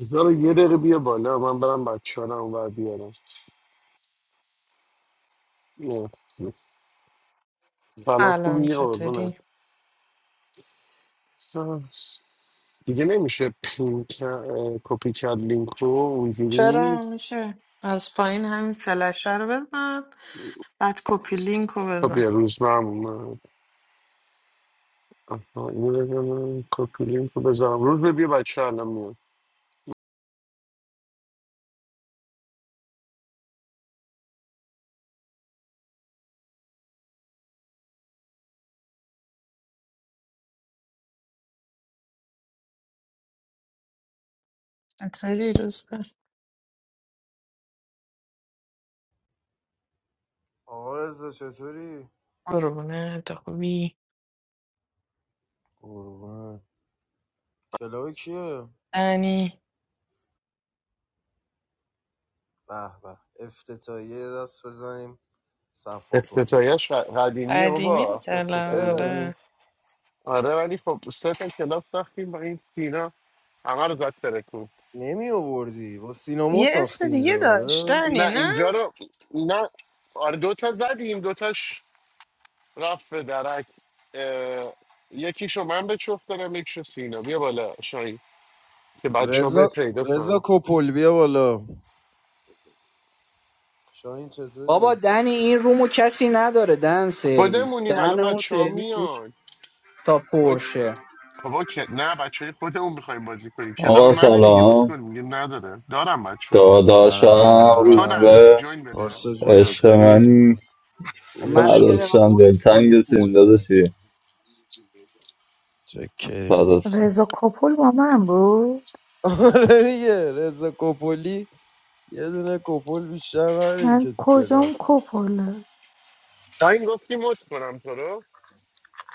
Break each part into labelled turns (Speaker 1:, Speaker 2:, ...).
Speaker 1: بذار یه دقیقه بیا بالا من برم بچه ها رو اونور بیارم نه. سلام
Speaker 2: سلام
Speaker 1: خوبی قربونه
Speaker 2: چطوری؟
Speaker 1: دیگه نمیشه پین کر- اه، کپی کرد لینک رو اونجوری
Speaker 2: چرا
Speaker 1: نیست
Speaker 2: میشه از پایین همین فلشه رو بزن بعد کپی لینک رو
Speaker 1: خب یه
Speaker 2: بزن
Speaker 1: روز من اومد آها، اینو بزنم کپی لینک رو بذارم روز بیا بچه ها الان میاد
Speaker 2: چطوری روز به
Speaker 3: آقا رزا چطوری؟
Speaker 2: قربونه تو خوبی
Speaker 3: قربان کلاوی کیه؟
Speaker 2: دنی
Speaker 3: به به افتتاحیه دست بزنیم صفا کنیم
Speaker 1: افتتاحیش ق- قدیمیه
Speaker 2: قدیمی
Speaker 1: بابا افتتاحیه
Speaker 2: کلم
Speaker 3: اه،
Speaker 1: اینو.
Speaker 2: آره
Speaker 1: آره ولی خب سه تا کلاس رفتیم با این سینا همه رو زد ترکون
Speaker 3: نمی آوردی با سینما
Speaker 2: یه
Speaker 3: ساختی
Speaker 2: اسم دیگه
Speaker 3: اینجا رو
Speaker 2: داشت
Speaker 3: آره؟
Speaker 2: دنی
Speaker 1: نه
Speaker 2: نه
Speaker 1: اینجا رو نه آره دوتا زدیم دوتاش رفت به درک اه، یکیشو من به چوف دارم یکیشو سینا بیا بالا شاهین که بچه ها به
Speaker 3: رضا
Speaker 1: پیدا
Speaker 3: رضا
Speaker 1: کنم
Speaker 3: کپل بیا بالا شاهین
Speaker 4: بابا
Speaker 3: چطوری؟
Speaker 4: دن این رومو کسی نداره دن سرویس
Speaker 1: خودمونیم
Speaker 4: دن
Speaker 1: الان
Speaker 4: اون
Speaker 1: بچه ها
Speaker 4: سرویس میشه
Speaker 1: میان
Speaker 4: تا
Speaker 1: وای،
Speaker 4: پرشه
Speaker 1: بابا که نه بچه های خودمون میخوایم بازی کنیم کلاب
Speaker 5: آقا
Speaker 1: منه دیگه
Speaker 5: سلام
Speaker 1: اسکل میگه نداره دارم بچه ها
Speaker 3: به
Speaker 5: داداشم
Speaker 1: تو
Speaker 5: روز
Speaker 3: به
Speaker 1: نداری
Speaker 5: به
Speaker 1: جوین بده
Speaker 3: پارسا جون
Speaker 1: اولا
Speaker 5: عشق
Speaker 3: چطوری؟
Speaker 5: منی
Speaker 4: و
Speaker 3: خوبی
Speaker 4: منو یه دقیقه
Speaker 3: چی؟
Speaker 5: فرداشم
Speaker 4: مد
Speaker 5: دلتنگ
Speaker 4: کنی مد
Speaker 5: تیم داداشی
Speaker 3: جگرتون چکریم
Speaker 5: فرداشم
Speaker 6: رضا کپل با من بود
Speaker 3: آره دیگه رضا کپولی یه دونه کپل بیشتر نداریم
Speaker 6: من
Speaker 3: که تو کلاب
Speaker 6: کجام کپله
Speaker 1: شاهین گفتی مد کنم تو رو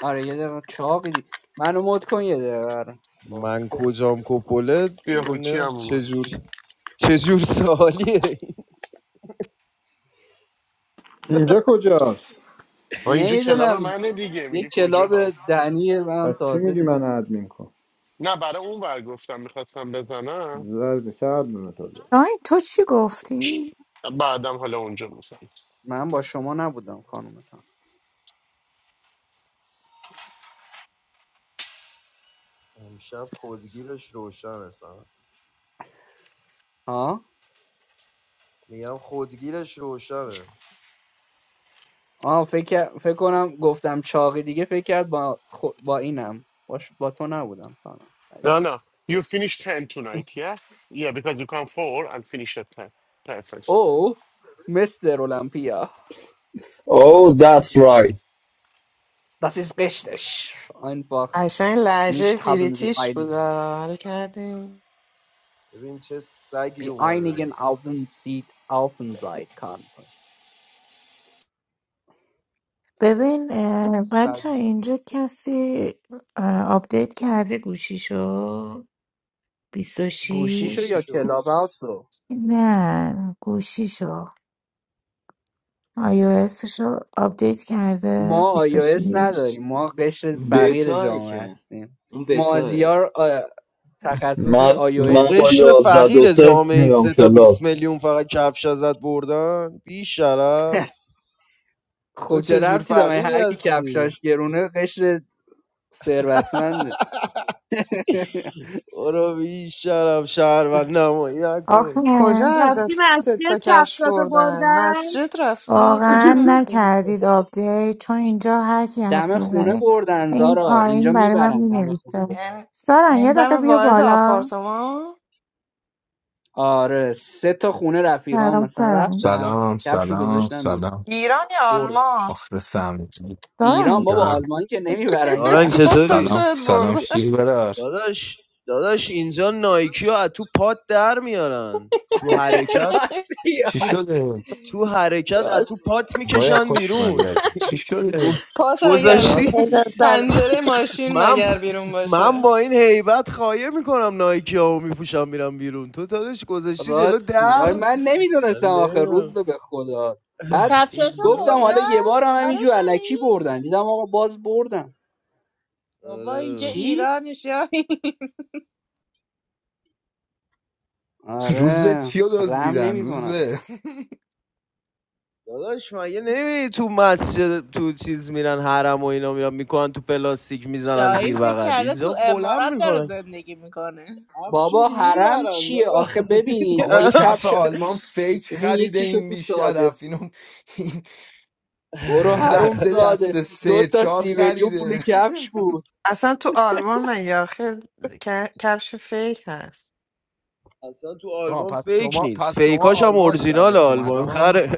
Speaker 4: آره یه دقیقه چاقی دی منو مد کن یه دقیقه آره.
Speaker 1: آه،
Speaker 3: من کجام کپله
Speaker 1: بیا
Speaker 3: نه
Speaker 1: هوچی
Speaker 3: نه،
Speaker 1: هم اومد
Speaker 3: چجور چجور سوالیه این؟
Speaker 7: اینجا کجاست
Speaker 1: و اینجا کلاب
Speaker 4: نمیدونم
Speaker 1: منه دیگه
Speaker 4: یه
Speaker 1: میگه
Speaker 4: کلاب
Speaker 1: کجا
Speaker 4: دنی من
Speaker 7: پس چی
Speaker 4: تازه
Speaker 7: میگی من
Speaker 4: دیدم
Speaker 7: ادمین کن
Speaker 1: نه برای اون ور گفتم میخواستم بزنم
Speaker 7: زرد کردم تازه
Speaker 6: شاین تو چی گفتی؟
Speaker 1: بعدم حالا اونجا میزنم
Speaker 4: من با شما نبودم خانومتان
Speaker 3: امشب خودگیرش روشنه سن
Speaker 4: ها
Speaker 3: میگم خودگیرش روشنه
Speaker 4: آه فکر کر- فکر کنم گفتم چاقی دیگه فکر کرد با خو... با اینم با, ش- با تو نبودم خانم
Speaker 1: نه نه You finish ten tonight, yeah? Yeah, because you come four and finish at ten. Perfect.
Speaker 4: او مستر اولمپیا
Speaker 5: Oh that's right
Speaker 4: Das ist richtig.
Speaker 2: عشان لحجه
Speaker 4: Nicht haben sie
Speaker 2: بریتیش بود
Speaker 4: einigen,
Speaker 2: آره. حال کردیم
Speaker 3: ببین چه سگی
Speaker 4: die
Speaker 3: اومده
Speaker 4: einigen Aufsicht offen sein konnten.
Speaker 6: ببین
Speaker 3: سگ
Speaker 6: بچه اینجا کسی اه، آپدیت کرده گوشیشو
Speaker 4: گوشیشو
Speaker 6: 26
Speaker 3: گوشی
Speaker 4: یا
Speaker 3: شو
Speaker 4: کلاب هاوسو
Speaker 6: نه گوشیشو آی او اسشو آپدیت کرده
Speaker 4: ما iOS
Speaker 6: 26
Speaker 4: نداریم ما قشر فقیر
Speaker 8: بتاه
Speaker 4: جامعه
Speaker 8: که
Speaker 4: هستیم
Speaker 8: اون بتاه
Speaker 4: مازیار آ، تخصصش
Speaker 5: من
Speaker 3: تو
Speaker 4: iOS
Speaker 5: من
Speaker 4: -ه.
Speaker 5: با
Speaker 3: قشر
Speaker 5: یازده دو
Speaker 3: فقیر
Speaker 5: صفر
Speaker 3: جامعه
Speaker 5: میرم
Speaker 3: سه تا 20
Speaker 5: کلاب
Speaker 3: میلیون فقط کفش ازت بردن بی شرف
Speaker 4: خب
Speaker 3: تو
Speaker 4: چه
Speaker 3: چجور
Speaker 4: ربطی داره
Speaker 3: فقیر
Speaker 4: هر کی کفشاش
Speaker 3: هستی
Speaker 4: گرونه قشر ثروتمنده
Speaker 3: برو بی شرف شهر و نمایی نکن
Speaker 6: آخه
Speaker 2: کجا ازت
Speaker 9: رفتیم
Speaker 2: سه
Speaker 9: مسجد
Speaker 2: تا کفش
Speaker 9: کفشاتو
Speaker 2: بردن
Speaker 9: بردن
Speaker 2: مسجد رفتی کجا
Speaker 6: واقعا
Speaker 2: رفتی
Speaker 6: نکردید آپدیت چون اینجا هر کی حرف
Speaker 4: دم خونه
Speaker 6: میزنه
Speaker 4: بردن
Speaker 6: این
Speaker 4: زارا
Speaker 6: پایین
Speaker 4: اینجا
Speaker 6: برای من
Speaker 4: میبرن دم خونه
Speaker 6: مینویسه
Speaker 4: بزن
Speaker 2: این
Speaker 6: سارن
Speaker 2: این
Speaker 6: یه دقیقه
Speaker 2: دم
Speaker 6: بیا
Speaker 2: وارد
Speaker 6: بالا
Speaker 2: آپارتمان
Speaker 4: آره سه تا خونه رفیقام
Speaker 6: سلام
Speaker 4: مثلا
Speaker 6: سارن
Speaker 4: رفتم
Speaker 10: سلام
Speaker 4: کفشو
Speaker 10: سلام
Speaker 4: گذاشتم بیرون
Speaker 10: سلام
Speaker 2: ایران یا
Speaker 4: برد
Speaker 2: آلمان
Speaker 10: آخر سم
Speaker 4: ایران
Speaker 6: سارن
Speaker 4: بابا
Speaker 10: جانم.
Speaker 4: آلمان که نمیبرن
Speaker 3: سارنگ
Speaker 4: کف
Speaker 2: گفتم
Speaker 3: چطوری؟
Speaker 10: سلام
Speaker 2: شاید
Speaker 10: سلام
Speaker 2: برده
Speaker 10: شیر برار
Speaker 3: داداش داداش اینجا نایکی ها از تو پات در میارن تو حرکت
Speaker 4: راستی
Speaker 10: چی
Speaker 3: تو
Speaker 4: آی
Speaker 10: شده؟
Speaker 3: تو حرکت از تو
Speaker 4: راست
Speaker 3: پات
Speaker 10: باید
Speaker 3: میکشن
Speaker 10: خوش اومدی
Speaker 3: بیرون
Speaker 10: عزیزم. چی
Speaker 3: گو-
Speaker 10: شده؟
Speaker 2: پاس اگه از
Speaker 3: گذاشتی
Speaker 4: راستی
Speaker 11: سیدا سلام
Speaker 2: پنجره ماشین
Speaker 3: من
Speaker 2: مگر بیرون
Speaker 3: من
Speaker 2: باشه
Speaker 3: با این هیبت خایه میکنم نایکی ها میپوشم میرم بیرون تو داداش گذاشتی جلو
Speaker 4: راستی آی
Speaker 3: در
Speaker 4: من
Speaker 3: من
Speaker 4: نمیدونستم آخه روز
Speaker 3: نمی‌دونم.
Speaker 4: به به خدا بعد
Speaker 11: کفشاشو
Speaker 4: گفتم حالا
Speaker 3: اینجاش
Speaker 4: یه
Speaker 11: بردن
Speaker 4: بار هم
Speaker 11: آره
Speaker 4: همینجور علکی
Speaker 11: شاهین
Speaker 4: بردن دیدم آقا باز بردن
Speaker 11: بابا اینجا
Speaker 3: آره
Speaker 4: چی؟
Speaker 11: ایران شاهین
Speaker 10: روز به
Speaker 4: آره
Speaker 10: چیو رو
Speaker 4: رم
Speaker 10: دزدیدن روز
Speaker 4: نمیکنن
Speaker 10: به
Speaker 3: داداش مگه نمیبینی تو مسجد تو چیز میرن حرم و اینا میرن میکنن تو پلاستیک میزنن زیر
Speaker 11: شاهین فکر
Speaker 3: بغل
Speaker 11: کرده
Speaker 3: اینجا
Speaker 11: تو
Speaker 3: بلند
Speaker 11: امارات داره
Speaker 3: میکنن
Speaker 11: زندگی میکنه
Speaker 3: افشو
Speaker 4: بابا حرم
Speaker 3: میبرن
Speaker 4: چیه آخه
Speaker 3: دادا
Speaker 4: ببین
Speaker 10: بابا
Speaker 4: یه
Speaker 10: کف
Speaker 4: کفش
Speaker 3: افش
Speaker 10: آلمان فیک
Speaker 4: ببین
Speaker 10: خریده
Speaker 4: یکیشو
Speaker 10: این
Speaker 4: تو ساده
Speaker 10: بیشرف اینو این,
Speaker 4: برو
Speaker 10: این
Speaker 4: حروم
Speaker 10: رفته
Speaker 4: زاده
Speaker 10: دست
Speaker 4: دو
Speaker 10: سه
Speaker 4: تا
Speaker 10: چهار
Speaker 4: سی میلیون پول
Speaker 10: خریده
Speaker 4: کفش بود
Speaker 2: اصلا تو آلمان مگه آخه ک- کفش فیک هست
Speaker 3: اصلا تو
Speaker 10: آه
Speaker 3: آلبوم
Speaker 10: پس
Speaker 3: فیک
Speaker 10: شما
Speaker 3: نیست
Speaker 10: پس شما
Speaker 3: فیکاش هم
Speaker 10: آلمانی
Speaker 3: اورجینال
Speaker 10: بدت اومد
Speaker 3: آلبوم
Speaker 10: آه؟
Speaker 3: خره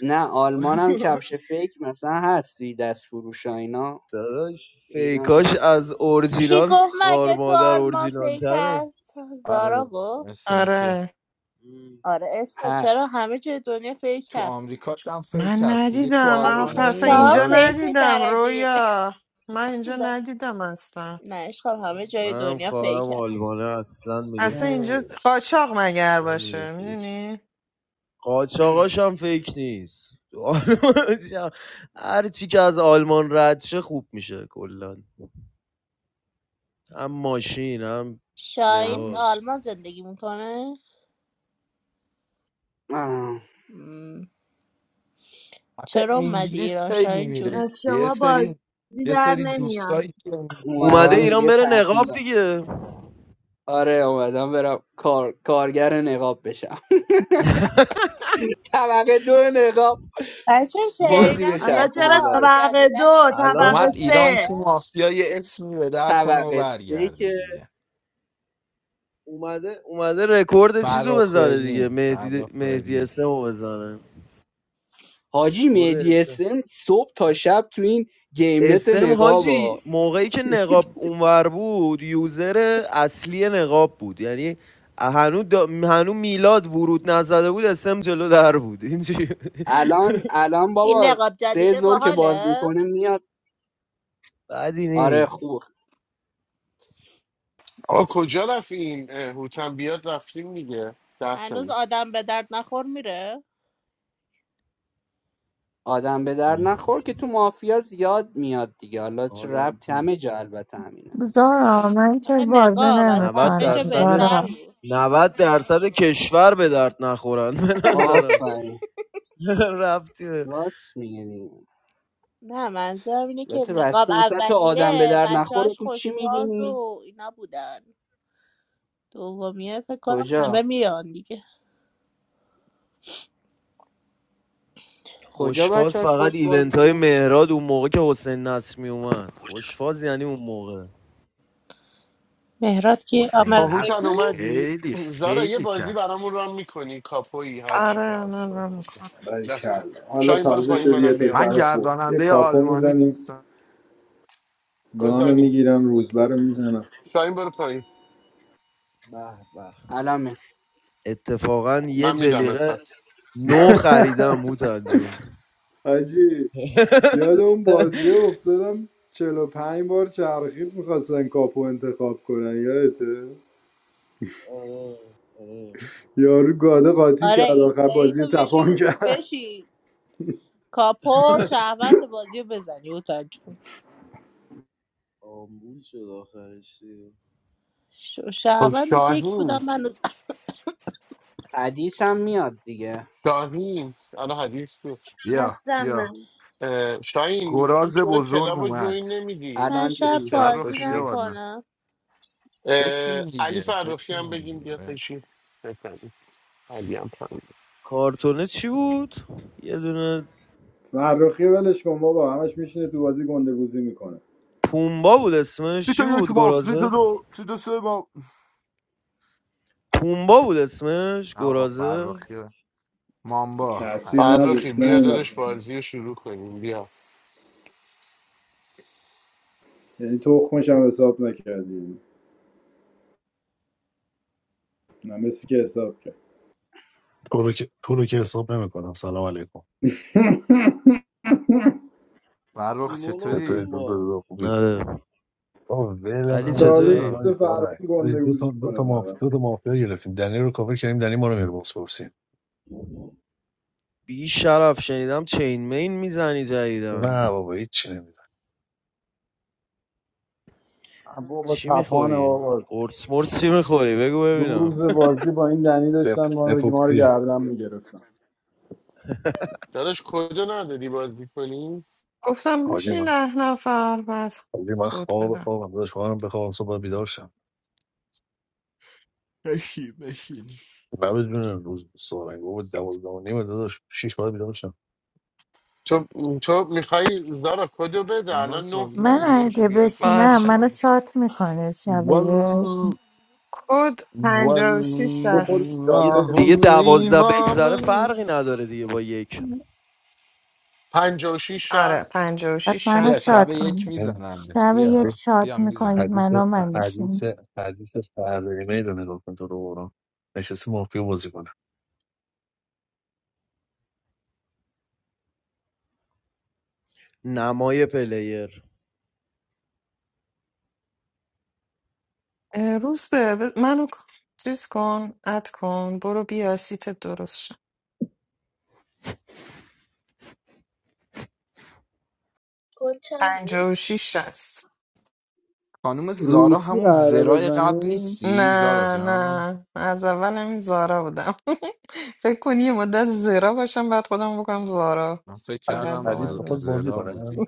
Speaker 4: نه آلمان هم کفش فیک مثلا هستی دست فروش ها اینا
Speaker 3: داداش
Speaker 4: پیدا
Speaker 3: فیکاش
Speaker 4: میشه
Speaker 3: از
Speaker 11: کی
Speaker 3: اورجینال
Speaker 11: گفت
Speaker 3: خار
Speaker 11: مگه تو
Speaker 3: مادر
Speaker 11: آلمان
Speaker 3: اورجینال
Speaker 11: فیک
Speaker 3: تره
Speaker 11: هست زارا
Speaker 10: آره
Speaker 11: گفت
Speaker 10: مثل اینکه
Speaker 2: آره
Speaker 11: آره عشقم
Speaker 4: هست
Speaker 11: چرا همه جای دنیا فیک
Speaker 10: تو
Speaker 11: هست
Speaker 10: آمریکا هم فیک
Speaker 2: من
Speaker 10: هست دیگه تو
Speaker 2: ندیدم من
Speaker 11: ولی
Speaker 10: آلمان
Speaker 2: آخه اصلا
Speaker 11: منتها
Speaker 2: اینجا
Speaker 3: واقعا
Speaker 10: نیست
Speaker 11: فیک
Speaker 2: ندیدم
Speaker 11: درجه یک.
Speaker 2: رویا من اینجا ندیدم اصلا
Speaker 11: نه عشقم همه جای
Speaker 3: منم
Speaker 11: دنیا فیک
Speaker 3: خواهرم
Speaker 11: هست
Speaker 3: آلمانه اصلا میگه
Speaker 2: اصلا اینجا
Speaker 10: هی.
Speaker 2: قاچاق مگر
Speaker 3: اصلا میگه
Speaker 2: باشه
Speaker 3: فیک
Speaker 2: میدونی
Speaker 3: قاچاقاش هم فیک نیست تو هر چی که از آلمان رد شه خوب میشه کلا هم ماشین هم
Speaker 11: شاهین
Speaker 10: هم
Speaker 3: لباس
Speaker 11: آلمان زندگی میکنه
Speaker 4: آه.
Speaker 10: حتی
Speaker 11: چرا اومدی
Speaker 10: انگلیس
Speaker 11: ایران
Speaker 10: خیلی
Speaker 11: شاهین جون
Speaker 10: میره
Speaker 9: از
Speaker 10: یه
Speaker 9: شما
Speaker 10: سری
Speaker 9: بازی
Speaker 10: یه
Speaker 9: در
Speaker 10: سری
Speaker 9: نمیاد
Speaker 10: دوستایی که انگلیس
Speaker 3: اومده
Speaker 4: اومدم
Speaker 10: داره
Speaker 3: ایران
Speaker 4: دیگه
Speaker 3: بره نقاب
Speaker 4: تعطیلا
Speaker 3: دیگه
Speaker 4: آره اومدم برم کار... کارگر نقاب بشم طبقه دو نقاب
Speaker 11: بچه
Speaker 3: یو
Speaker 4: بازی
Speaker 11: شنیدم
Speaker 9: حالا
Speaker 4: بچرخونم
Speaker 9: چرا
Speaker 11: نقاب
Speaker 4: براش
Speaker 9: طبقه
Speaker 11: جدیدش
Speaker 9: دو
Speaker 11: خیلی
Speaker 3: الان
Speaker 9: طبقه
Speaker 10: اومد
Speaker 11: باحاله
Speaker 10: ایران
Speaker 9: سه
Speaker 10: تو
Speaker 11: آره
Speaker 10: مافیا یه اسمی به در کنه و
Speaker 4: طبقه سه
Speaker 10: برگرده
Speaker 4: که
Speaker 10: دیگه
Speaker 3: اومده اومده رکورد چیزو
Speaker 10: فرخ
Speaker 3: بزنه دیگه
Speaker 10: برلین
Speaker 3: مهدی
Speaker 10: فرخ
Speaker 3: مهدی
Speaker 10: برلین
Speaker 3: اسمو بزنه
Speaker 4: حاجی
Speaker 3: رکورد
Speaker 4: مهدی
Speaker 3: اسم
Speaker 4: اسم صبح تا شب تو این گیم نت
Speaker 3: اسم
Speaker 4: نقاب
Speaker 3: حاجی موقعی که نقاب اونور بود یوزر اصلی نقاب بود یعنی هنو, دا... هنو میلاد ورود نزده بود اسم جلو در بود اینجوری
Speaker 4: الان الان
Speaker 11: این
Speaker 4: بابا
Speaker 11: نقاب
Speaker 4: سه
Speaker 11: جدیده
Speaker 4: زور که باز
Speaker 11: باحاله
Speaker 4: میکنه میاد
Speaker 3: بدی
Speaker 4: آره
Speaker 3: نیست
Speaker 4: خوب.
Speaker 1: آقا کجا رفت این اه، هوتن بیاد رفتیم دیگه ده
Speaker 11: هنوز
Speaker 1: تایی
Speaker 11: آدم به درد نخور میره
Speaker 4: آدم به در نخور که تو مافیا زیاد میاد دیگه حالا چه
Speaker 3: آدم
Speaker 4: ربطی همه جا البته همینه
Speaker 6: زارا من که
Speaker 11: آخه
Speaker 6: بازه
Speaker 11: نقاب از
Speaker 3: 90
Speaker 11: همه جا
Speaker 6: نمیکنم
Speaker 3: درصد
Speaker 11: بهتر
Speaker 6: زارا
Speaker 11: بود
Speaker 3: 90 درصد کشور به درد نخورن به نظرم
Speaker 4: آفرین
Speaker 3: ربطی به
Speaker 4: راست میگه دیگه
Speaker 11: نه منظورم اینه که
Speaker 4: البته
Speaker 11: نقاب
Speaker 4: بسته مثلا تو آدم به
Speaker 11: اولیه
Speaker 4: در
Speaker 11: بچه
Speaker 4: نخور رو
Speaker 11: هاش
Speaker 4: تو چی
Speaker 11: خوشفاز
Speaker 4: میبینی؟
Speaker 11: و اینا بودن دومیه فکر کنم همه
Speaker 4: کجا؟
Speaker 11: میان دیگه
Speaker 4: کجا
Speaker 3: خوشفاز
Speaker 4: بچهاش
Speaker 3: فقط
Speaker 4: خوش باز
Speaker 3: ایونت های
Speaker 4: بودن؟
Speaker 3: مهراد اون موقع که حسین نصر می اومد خوشفاز یعنی اون موقع
Speaker 11: مهراد که
Speaker 1: خب
Speaker 10: حسین
Speaker 1: هوتن
Speaker 10: نصر
Speaker 11: آمرادگی
Speaker 1: اومدی
Speaker 10: خیلی
Speaker 1: زارا یه
Speaker 10: خیلی
Speaker 1: بازی
Speaker 10: کرد
Speaker 1: برامون رام میکنی کاپویی هر چی که
Speaker 2: آره
Speaker 1: هست
Speaker 2: من رو میکنم
Speaker 1: دست
Speaker 7: کردم حالا
Speaker 1: شاین برو
Speaker 7: تازه
Speaker 1: پایین
Speaker 7: شدی یه
Speaker 1: منم بیام
Speaker 10: من
Speaker 7: پسر خوب یه
Speaker 10: گرداننده
Speaker 7: کاپو
Speaker 10: آلمانی
Speaker 7: میزنیم
Speaker 10: دوستم
Speaker 7: گانو
Speaker 1: بزنیم
Speaker 7: میگیرم روزبه
Speaker 1: اوکی.
Speaker 7: رو میزنم
Speaker 1: شاهین برو پایین
Speaker 3: به به
Speaker 4: الان می-
Speaker 3: اتفاقا یه
Speaker 1: من میدم
Speaker 3: جلیقه
Speaker 1: اتفاق
Speaker 3: نو خریدم هوتن جون
Speaker 7: حاجی یاد اون بازی افتادم 45 بار چرخید میخواستن کاپو انتخاب کنن یادته
Speaker 3: آره آره
Speaker 7: یارو گاده قاطی
Speaker 11: آره
Speaker 7: کرد
Speaker 11: این
Speaker 7: آخر
Speaker 11: سری
Speaker 7: بازی
Speaker 11: تو
Speaker 7: رو
Speaker 11: بشی
Speaker 7: تپان کرد
Speaker 11: بشی کاپو شهروند بازی رو بزنی اوتاج
Speaker 3: آمبول شد آخرش دیگه.
Speaker 11: ش-
Speaker 1: خب
Speaker 11: شهروند دک
Speaker 1: شاهین
Speaker 11: بودم من
Speaker 4: حدیث هم میاد دیگه
Speaker 1: شاهین الان حدیث بود
Speaker 10: بیا
Speaker 9: هستم
Speaker 10: بیا
Speaker 9: من
Speaker 1: اه، شاهین میگم
Speaker 10: گراز
Speaker 1: چرا
Speaker 10: بزرگ
Speaker 1: کلاب رو
Speaker 10: اومد
Speaker 1: جوین نمیدی
Speaker 11: من
Speaker 4: الان جا
Speaker 1: که
Speaker 11: شب
Speaker 1: تو
Speaker 4: نیست.
Speaker 1: کلاب
Speaker 11: بازی
Speaker 10: فرخ بیا
Speaker 1: باشی
Speaker 10: بالا.
Speaker 11: نکنم
Speaker 1: اه،
Speaker 10: بشین
Speaker 1: علی
Speaker 10: دیگه
Speaker 1: فرخی هم
Speaker 10: بشین
Speaker 1: بگیم بیا
Speaker 10: دیگه
Speaker 1: پشی بکنیم علی هم پایین.
Speaker 3: کارتونه چی بود؟ یه دونه
Speaker 7: فرخی ولش کن بابا همش میشینه تو بازی گندگوزی میکنه
Speaker 3: پومبا بود
Speaker 10: سی
Speaker 3: اسمش
Speaker 10: تا
Speaker 3: چی
Speaker 10: یک
Speaker 3: بود
Speaker 10: ما سی تا
Speaker 3: گرازه؟
Speaker 10: دو سی تا سه باف
Speaker 3: پومبا بود اسمش
Speaker 10: آقا
Speaker 3: گرازه
Speaker 10: فرخی مامبا
Speaker 7: تاثیر
Speaker 10: الک
Speaker 1: فرخی
Speaker 7: نداشت
Speaker 1: بیا
Speaker 7: نیومد
Speaker 1: دادش بازی رو شروع کنیم بیا
Speaker 7: یعنی تخمش هم حساب نکردی نه مسی که حساب کرد
Speaker 12: تو رو که تو رو که حساب نمیکنم سلام علیکم
Speaker 10: فرخ
Speaker 3: تیمون و
Speaker 12: چطوری
Speaker 10: چطوری؟
Speaker 12: دو دو
Speaker 3: پومبا
Speaker 12: دو خوبی
Speaker 3: آره
Speaker 12: بابا
Speaker 3: علی
Speaker 12: ولمون
Speaker 10: سلام
Speaker 7: چالش
Speaker 12: کن
Speaker 10: دادا
Speaker 12: آی
Speaker 7: بده
Speaker 3: چطوری
Speaker 7: فرقی
Speaker 12: سارنگ آی دو تا
Speaker 7: گندگوزی
Speaker 12: دو تا
Speaker 7: کنه
Speaker 12: ماف
Speaker 7: دارم
Speaker 12: دو تا مافیا گرفتیم دنی رو کاور کردیم دنی ما رو میره بوس
Speaker 3: بی شرف شنیدم چین مین میزنی جدیدن
Speaker 12: نه بابا هیچ چی نمیدونم
Speaker 7: بابا
Speaker 3: چی
Speaker 7: تپانه
Speaker 3: میخوری
Speaker 7: بابا
Speaker 3: قرص مرص چی میخوری بگو
Speaker 7: دو
Speaker 3: ببینم
Speaker 7: روز بازی با این دنی
Speaker 12: دپ
Speaker 7: داشتن ما دیگه ما رو
Speaker 12: دپوکتی
Speaker 7: گردن میگرفتن
Speaker 1: دادش کدو نداری بازی کنیم
Speaker 2: گفتم
Speaker 12: حاجی
Speaker 2: بشین
Speaker 12: من
Speaker 2: ده نفر بس
Speaker 12: حاجی من
Speaker 2: بود
Speaker 12: خواب
Speaker 2: بدم
Speaker 12: خوابم داداش خوابم بخوابم صبح باید بیدار شم
Speaker 10: بشین بشین
Speaker 12: نه بدون روز سارنگ بابا دوازده و نیم داداش شیش بار بیدار شم
Speaker 1: تو تو میخوای زارا کدو بده
Speaker 10: سانا
Speaker 1: الان نه
Speaker 10: سازی
Speaker 6: من
Speaker 1: تاییم
Speaker 10: ممکن
Speaker 1: یکی
Speaker 6: اگه
Speaker 1: بیاد بازی
Speaker 6: بشینم
Speaker 2: باشه
Speaker 6: منو
Speaker 1: کنم
Speaker 6: شات میکنه شب یک
Speaker 10: وال
Speaker 2: کد پنجاه
Speaker 10: والله
Speaker 2: و
Speaker 7: تو
Speaker 2: شیش
Speaker 7: خود
Speaker 3: دیگه
Speaker 7: شاطری من
Speaker 3: دیگه
Speaker 7: مطمئنم
Speaker 3: دوازده بگذره
Speaker 10: الامام
Speaker 3: فرقی نداره دیگه با یک
Speaker 1: پنج و شیش
Speaker 2: آره
Speaker 1: شست
Speaker 6: بعد
Speaker 2: 56 60
Speaker 6: منو
Speaker 10: بیا شب
Speaker 6: شات
Speaker 2: ثبت نام
Speaker 10: یک
Speaker 6: کنم
Speaker 12: این
Speaker 10: میزنن
Speaker 6: شب یک
Speaker 10: بیا
Speaker 12: یک
Speaker 10: بیا
Speaker 6: شات میکنید
Speaker 10: میزنن
Speaker 12: حدیث
Speaker 6: منو من میشین
Speaker 12: حدیث حدیث سردریمه رو نگاه کن تو رو برام نشسته مافیا بازی کنه.
Speaker 3: نمای پلیر
Speaker 2: اه، روز به ب- منو ک- چیز کن اد کن برو بیا سیت درست شد
Speaker 9: کد چند بود
Speaker 2: 56 60
Speaker 10: خانوم زارا
Speaker 7: روسی
Speaker 10: همون
Speaker 7: قراره
Speaker 10: زرای قبل
Speaker 7: بزنیم
Speaker 10: نیستی زارا
Speaker 2: نه
Speaker 10: جان
Speaker 2: نه از اول همین زارا بودم فکر کنی یه مدت زیرا باشم بعد خودم بکنم زارا
Speaker 10: من فکر
Speaker 12: حدیث
Speaker 2: فقط
Speaker 10: کردم
Speaker 2: با
Speaker 12: حدیث
Speaker 10: ز...
Speaker 12: بخواد
Speaker 2: مزه
Speaker 12: بازی
Speaker 10: زرا
Speaker 12: کنه
Speaker 10: بودی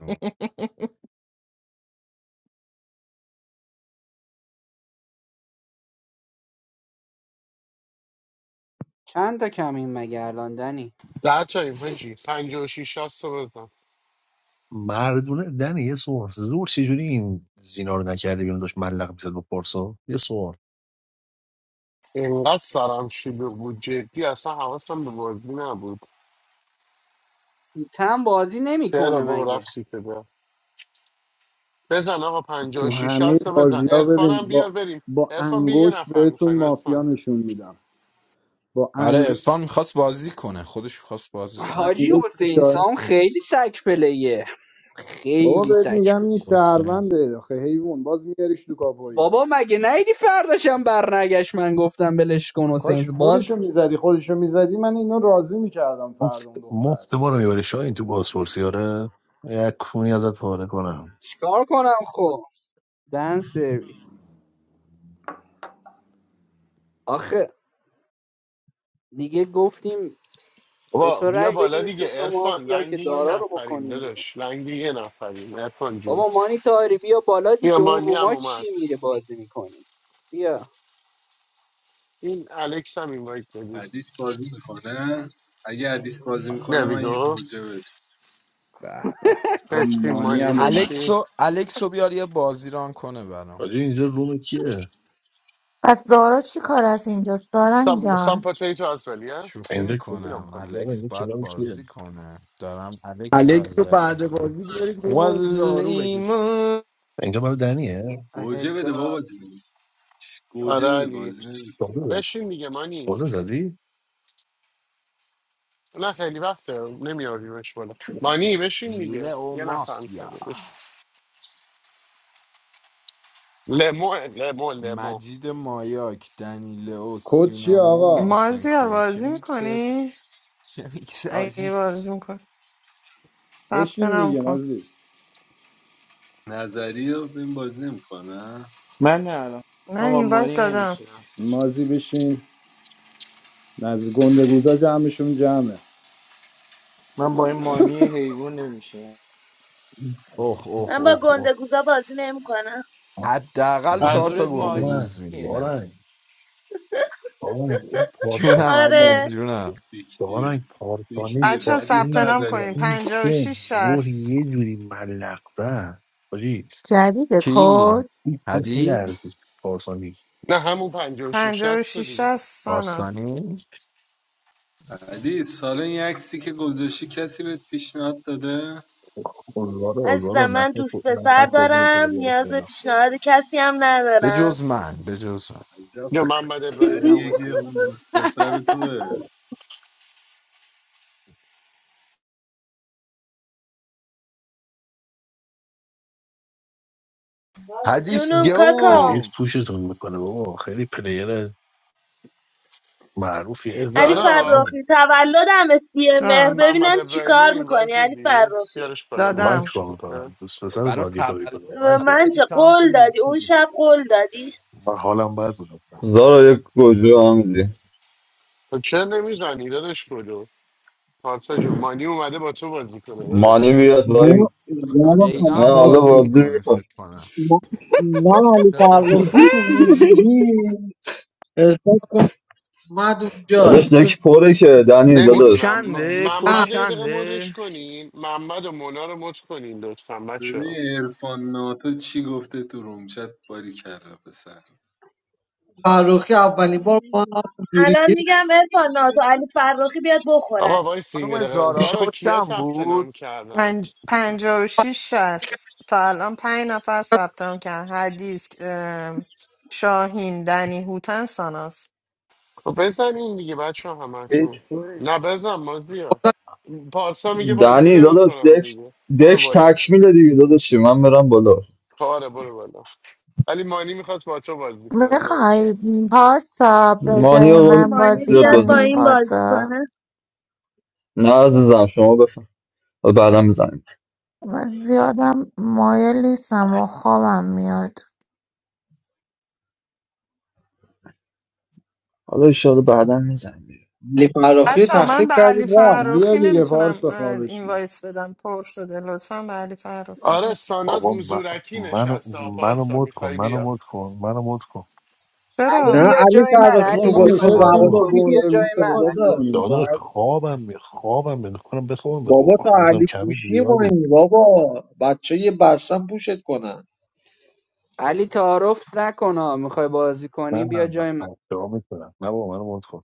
Speaker 4: چند تا کمیم مگه الان دنی؟
Speaker 1: ده تاییم هجی پنج و شیش شست رو بزن.
Speaker 12: مردونه دنی یه سوال زور چجوری این زینا رو نکردی بیرون داشت ملق میزد با پارسا یه سوال
Speaker 1: اینقدر سرم شلوغ بود جدی اصلا حواسم به بازی نبود
Speaker 4: تم بازی
Speaker 1: چرا
Speaker 4: نمیکنه
Speaker 1: بابا
Speaker 4: مگه
Speaker 1: رفت سیت ده بزن آقا پنجاه و
Speaker 7: تو
Speaker 1: شیش
Speaker 7: همه
Speaker 1: 60 بزن
Speaker 7: بازی ها ببین
Speaker 1: عرفانم
Speaker 7: با
Speaker 1: بیار بریم
Speaker 7: با
Speaker 1: عرفان بیا یه
Speaker 7: انگوش
Speaker 1: نفر
Speaker 7: بهتون
Speaker 1: میخوایم
Speaker 7: مافیا
Speaker 1: عرفان
Speaker 7: نشون میدم با
Speaker 10: آره
Speaker 7: انگوش
Speaker 10: ارفان میخواست بازی کنه خودش خواست بازی
Speaker 7: با
Speaker 10: کنه
Speaker 4: حاجی
Speaker 7: انگوش
Speaker 4: حسین
Speaker 7: نشاید
Speaker 4: سام خیلی سک پلیه
Speaker 7: بابا
Speaker 4: خیلی
Speaker 7: بهت
Speaker 4: سک
Speaker 7: میگم این
Speaker 10: حسین
Speaker 7: شهرونده آخه حیوان باز میگریش تو کاپویی
Speaker 4: بابا مگه نیدی فرداشم برنگشت من گفتم بلش کن حسین
Speaker 7: کاش
Speaker 4: باز
Speaker 7: خودشو میزدی خودشو میزدی من اینو راضی میکردم فردا
Speaker 12: مفت
Speaker 7: اون دختر
Speaker 12: مفت ما رو میبری شاید تو بازپرسی آره یک کونی ازت پاره کنم
Speaker 4: چیکار کنم خب دن سرویس آخه دیگه گفتیم به
Speaker 1: بابا
Speaker 4: تو
Speaker 1: بیا
Speaker 4: رأی
Speaker 1: بالا
Speaker 4: بدیم شد
Speaker 1: دیگه عرفان
Speaker 4: مافیا که
Speaker 1: لنگ یه
Speaker 4: دارا رو
Speaker 1: نفریم
Speaker 4: بکنیم بیرون
Speaker 1: داداش لنگ یه نفریم عرفان جون
Speaker 4: بابا مانی تاری بیا بالا
Speaker 1: بیا
Speaker 4: دیگه اون
Speaker 1: مانی هم
Speaker 4: روما
Speaker 1: اومد
Speaker 4: چی میره بازی میکنی بیا
Speaker 1: این الکس هم اینوایت بدیم
Speaker 13: حدیث بازی میکنه اگه حدیث بازی
Speaker 1: There
Speaker 13: میکنه
Speaker 1: we
Speaker 13: من یه
Speaker 1: go.
Speaker 13: گوجه بده
Speaker 7: به به
Speaker 1: بشین
Speaker 7: امانی
Speaker 1: مانی
Speaker 7: هم اومد
Speaker 1: بشین
Speaker 10: الکسو الکسو بیار یه بازی ران کنه برام
Speaker 12: راجع اینجا روم کیه
Speaker 6: پس زارا چی کار از اینجاست سارن
Speaker 1: سام سام
Speaker 6: جان
Speaker 1: پتیتو از ولی ها
Speaker 10: شوخی
Speaker 12: اینجا که-
Speaker 1: نو
Speaker 10: میکنم
Speaker 1: پروبلم
Speaker 10: الکس
Speaker 12: اینجا
Speaker 10: باید
Speaker 12: کلام کیه
Speaker 10: بازی کنه دارم الکس رو
Speaker 3: الکس رو
Speaker 10: اذیت
Speaker 3: بعد
Speaker 10: میکنم
Speaker 3: بازی بیارید بوم و جارو بکش
Speaker 10: والایمان
Speaker 12: اینجا برای دنیه
Speaker 4: آهه،
Speaker 13: گوجه بده
Speaker 4: گا-
Speaker 13: بابا جون گوجه
Speaker 1: آره
Speaker 13: بده
Speaker 1: علی
Speaker 13: بازی نمیکنه
Speaker 12: تازه
Speaker 1: بشین دیگه مانی
Speaker 12: تازه زدی
Speaker 1: نه خیلی وقته نمیاریمش بالا مانی بشین دیگه
Speaker 10: لئو
Speaker 1: یه نفر می‌خواد.
Speaker 10: مافیا
Speaker 1: لمو لمو لمو
Speaker 10: مجید مایاک دنی لئو
Speaker 7: کد چیه
Speaker 10: سینما
Speaker 7: آقا
Speaker 10: محسن
Speaker 2: مازیار
Speaker 10: کویی چه
Speaker 2: بازی
Speaker 10: میکسه
Speaker 2: میکنی؟
Speaker 10: چه میکسه
Speaker 2: اگه
Speaker 10: آجی
Speaker 2: بازی میکنی ثبت
Speaker 7: بشین
Speaker 2: نام
Speaker 7: دیگه
Speaker 2: کن
Speaker 7: مازی
Speaker 13: نظری رو این بازی نمیکنه
Speaker 8: من نه الان من
Speaker 2: من
Speaker 8: با
Speaker 2: این وایت
Speaker 8: مانی
Speaker 2: دادم
Speaker 8: نمیشینم
Speaker 7: مازی بشین نزد گندگوزا جمعشون جمعه
Speaker 8: من با این مانی حیوان نمیشینم
Speaker 10: اوه اوه
Speaker 9: من با
Speaker 10: اوه اوه
Speaker 9: گندگوزا بازی نمیکنم
Speaker 10: حداقل چهار تا
Speaker 8: منظورت
Speaker 10: گنده
Speaker 8: مانیه
Speaker 10: گوز
Speaker 12: بارن
Speaker 10: میگیرم
Speaker 12: بارن بارن این
Speaker 10: جونم علی
Speaker 12: پارسا
Speaker 9: آره
Speaker 10: جونم
Speaker 12: دارن
Speaker 13: فیکتیر
Speaker 12: پارسانی
Speaker 13: فیکتیر
Speaker 2: بچه ها
Speaker 12: با
Speaker 13: حدیث
Speaker 2: ثبت نام
Speaker 12: این
Speaker 13: برداریم
Speaker 12: با
Speaker 2: کنین
Speaker 12: این
Speaker 2: 56
Speaker 12: سن زور
Speaker 2: 60
Speaker 12: یه جوری ملق زد حاجی
Speaker 6: جدید
Speaker 10: کی
Speaker 6: کد
Speaker 12: هیچ کس
Speaker 10: حدیث
Speaker 12: میلرزید پارسانی
Speaker 1: نه همون 56 60 تو
Speaker 2: 56
Speaker 1: دیگه
Speaker 2: 60 ساناز
Speaker 10: باستانی
Speaker 13: حدیث سال این عکسی که گذاشتی کسی بهت پیشنهاد داده
Speaker 12: آزار
Speaker 9: عزیزم
Speaker 12: آزار
Speaker 9: من
Speaker 12: نفس
Speaker 9: دوست پسر
Speaker 12: نفس بازی میکنه
Speaker 9: دارم
Speaker 12: بیاره
Speaker 9: نیاز به
Speaker 12: بالا
Speaker 9: پیشنهاد کسی هم
Speaker 10: به
Speaker 9: ندارم
Speaker 10: جز من به جز من
Speaker 13: عجب
Speaker 1: یا محمد ابراهیمی هم
Speaker 13: خریه
Speaker 1: اومد
Speaker 13: که
Speaker 1: دید.
Speaker 13: اون دوست پسر توه
Speaker 10: حدیث
Speaker 9: جونم کاکا
Speaker 12: حدیث
Speaker 10: گوم
Speaker 12: پوشتون میکنه بابا خیلی پلیر معروفیه
Speaker 9: علی
Speaker 1: زارا
Speaker 12: مردمی
Speaker 9: فرخی تولدم سیه
Speaker 2: جان
Speaker 9: مهر
Speaker 1: محمد
Speaker 9: ببینم
Speaker 1: ابراهیمی رو
Speaker 9: چیکار میکنی
Speaker 1: اینوایت
Speaker 9: علی
Speaker 1: میدی
Speaker 9: فرخی
Speaker 1: بیارش بالا
Speaker 12: من
Speaker 2: دادم
Speaker 1: مورش
Speaker 12: چیکار میکنم دوست پسرت
Speaker 10: برای
Speaker 12: باید یه کاری
Speaker 10: تولد
Speaker 12: کنه
Speaker 9: به
Speaker 12: من
Speaker 10: باید
Speaker 12: که
Speaker 9: من
Speaker 10: بری
Speaker 9: چه
Speaker 10: سمت
Speaker 9: قول دادی اون
Speaker 10: هیپی
Speaker 9: شب قول دادی
Speaker 12: من حالم بد بود اصلا.
Speaker 5: زارا یک گوجه هم میدی
Speaker 1: تو چه نمیزنی دادش کدو پارسا جون مانی اومده با تو بازی کنه دادش
Speaker 5: مانی بیاد با
Speaker 14: نه
Speaker 5: این
Speaker 13: کچم
Speaker 14: یادم
Speaker 10: بیگا
Speaker 5: نه
Speaker 13: میره.
Speaker 10: هم
Speaker 14: کلمه
Speaker 5: حالا
Speaker 14: رو
Speaker 10: بازی
Speaker 5: بازی
Speaker 14: بگم.
Speaker 10: میکنه
Speaker 5: میکن
Speaker 10: فکر کنم
Speaker 14: نه نه علی فرخی رو که حضوری احساس کن اومد اونجا
Speaker 5: داداش
Speaker 14: چون
Speaker 5: دک پره که دنی
Speaker 10: کد
Speaker 5: داداش
Speaker 1: نمیدونم م-
Speaker 10: چنده کد
Speaker 14: نه
Speaker 1: محمد رو یه دقیقه
Speaker 10: چنده
Speaker 1: مدش کنین محمد و مونا رو مد کنین لطفا بچه
Speaker 13: ببین عرفان ناتو چی گفته تو رومچت باری کرده پسر
Speaker 14: فرخی اولین بار با هم حضوری
Speaker 9: الان میگم ارفان ناتو علی فراخی بیاد
Speaker 1: آقا
Speaker 9: بخورد
Speaker 1: وایسی یه
Speaker 10: خانم
Speaker 1: دقیقه
Speaker 10: زارا
Speaker 1: زارا کیا
Speaker 10: کچم
Speaker 1: ثبت
Speaker 10: بود
Speaker 1: نام کردن
Speaker 2: پنج... پنجاه و شیش شست تا الان پنج نفر ثبت نام کردن حدیث ام، شاهین دنی هوتن ساناس
Speaker 1: خب بزن این دیگه بچه همه تو
Speaker 8: چطوره
Speaker 1: نه بزن بازی ها
Speaker 14: بازم
Speaker 1: پارسا میگه بازی
Speaker 5: دنی داداش
Speaker 1: نمیکنم
Speaker 5: دک
Speaker 1: میگه برو
Speaker 5: دک
Speaker 1: بالا
Speaker 5: تکمیله دیگه داداشی من برم بالا
Speaker 1: کاره برو بالا ولی مانی میخواد با تو بازی کنه داداش.
Speaker 6: میخوای پارسا به
Speaker 5: مانی
Speaker 6: جای
Speaker 5: آقا
Speaker 6: من
Speaker 9: مانی
Speaker 6: بازی
Speaker 5: زیاد
Speaker 9: بیاد
Speaker 5: بازی
Speaker 9: با
Speaker 6: کنی
Speaker 5: می‌کنه.
Speaker 9: این بازی
Speaker 6: پارسا
Speaker 9: کنه
Speaker 5: نه عزیزم شما بفهم بعدا میزنیم
Speaker 6: من زیادم مایل نیستم و خوابم میاد
Speaker 5: حالا ایشالا بعدا میزنیم
Speaker 14: علی فرخی رو
Speaker 2: بچه ها من
Speaker 14: تخریب
Speaker 2: به
Speaker 14: کردی
Speaker 2: علی
Speaker 14: رفت
Speaker 7: بیا
Speaker 2: فرخی
Speaker 7: دیگه
Speaker 2: نمیتونم
Speaker 7: پارسا خوابشون
Speaker 2: اینوایت بدم پر شده لطفا به علی فرخی
Speaker 1: آره
Speaker 2: اوکی.
Speaker 1: ساناز
Speaker 12: بابا من
Speaker 1: زورکی
Speaker 12: منو
Speaker 1: نشسته ها،
Speaker 12: منو
Speaker 1: پارسا
Speaker 12: مد کن
Speaker 1: میخوای
Speaker 12: منو
Speaker 1: بیا
Speaker 12: مد کن منو مد کن
Speaker 4: علی
Speaker 14: نه
Speaker 2: چرا
Speaker 4: بیا
Speaker 14: علی
Speaker 4: جای من
Speaker 14: فرخی
Speaker 7: بابا
Speaker 14: تو
Speaker 4: علی
Speaker 7: ما
Speaker 14: با
Speaker 12: با
Speaker 14: تو
Speaker 4: میخوای بازی
Speaker 7: نشستیم
Speaker 12: بازه
Speaker 14: رواشی
Speaker 7: با
Speaker 14: کی
Speaker 4: کنی بیا
Speaker 14: درست
Speaker 4: جای
Speaker 7: گندگوزا
Speaker 4: من
Speaker 14: کنه
Speaker 7: بازی
Speaker 4: علی
Speaker 14: داداش
Speaker 7: کنیم
Speaker 12: داداش
Speaker 7: فردا
Speaker 12: خوابم می خوابم می کنم بخوابم
Speaker 14: بابا
Speaker 12: بخوابم
Speaker 14: تو
Speaker 12: گفتم
Speaker 14: علی
Speaker 12: کمی
Speaker 14: پوشی
Speaker 12: زیادی
Speaker 14: مهمی بابا بچه یه بستن پوشت کنن
Speaker 4: علی تعارف نکن ها، میخوای بازی
Speaker 12: من
Speaker 4: کنی بیا
Speaker 12: من من
Speaker 4: جای من
Speaker 12: بچه ها میتونم نه بابا منو مونت کن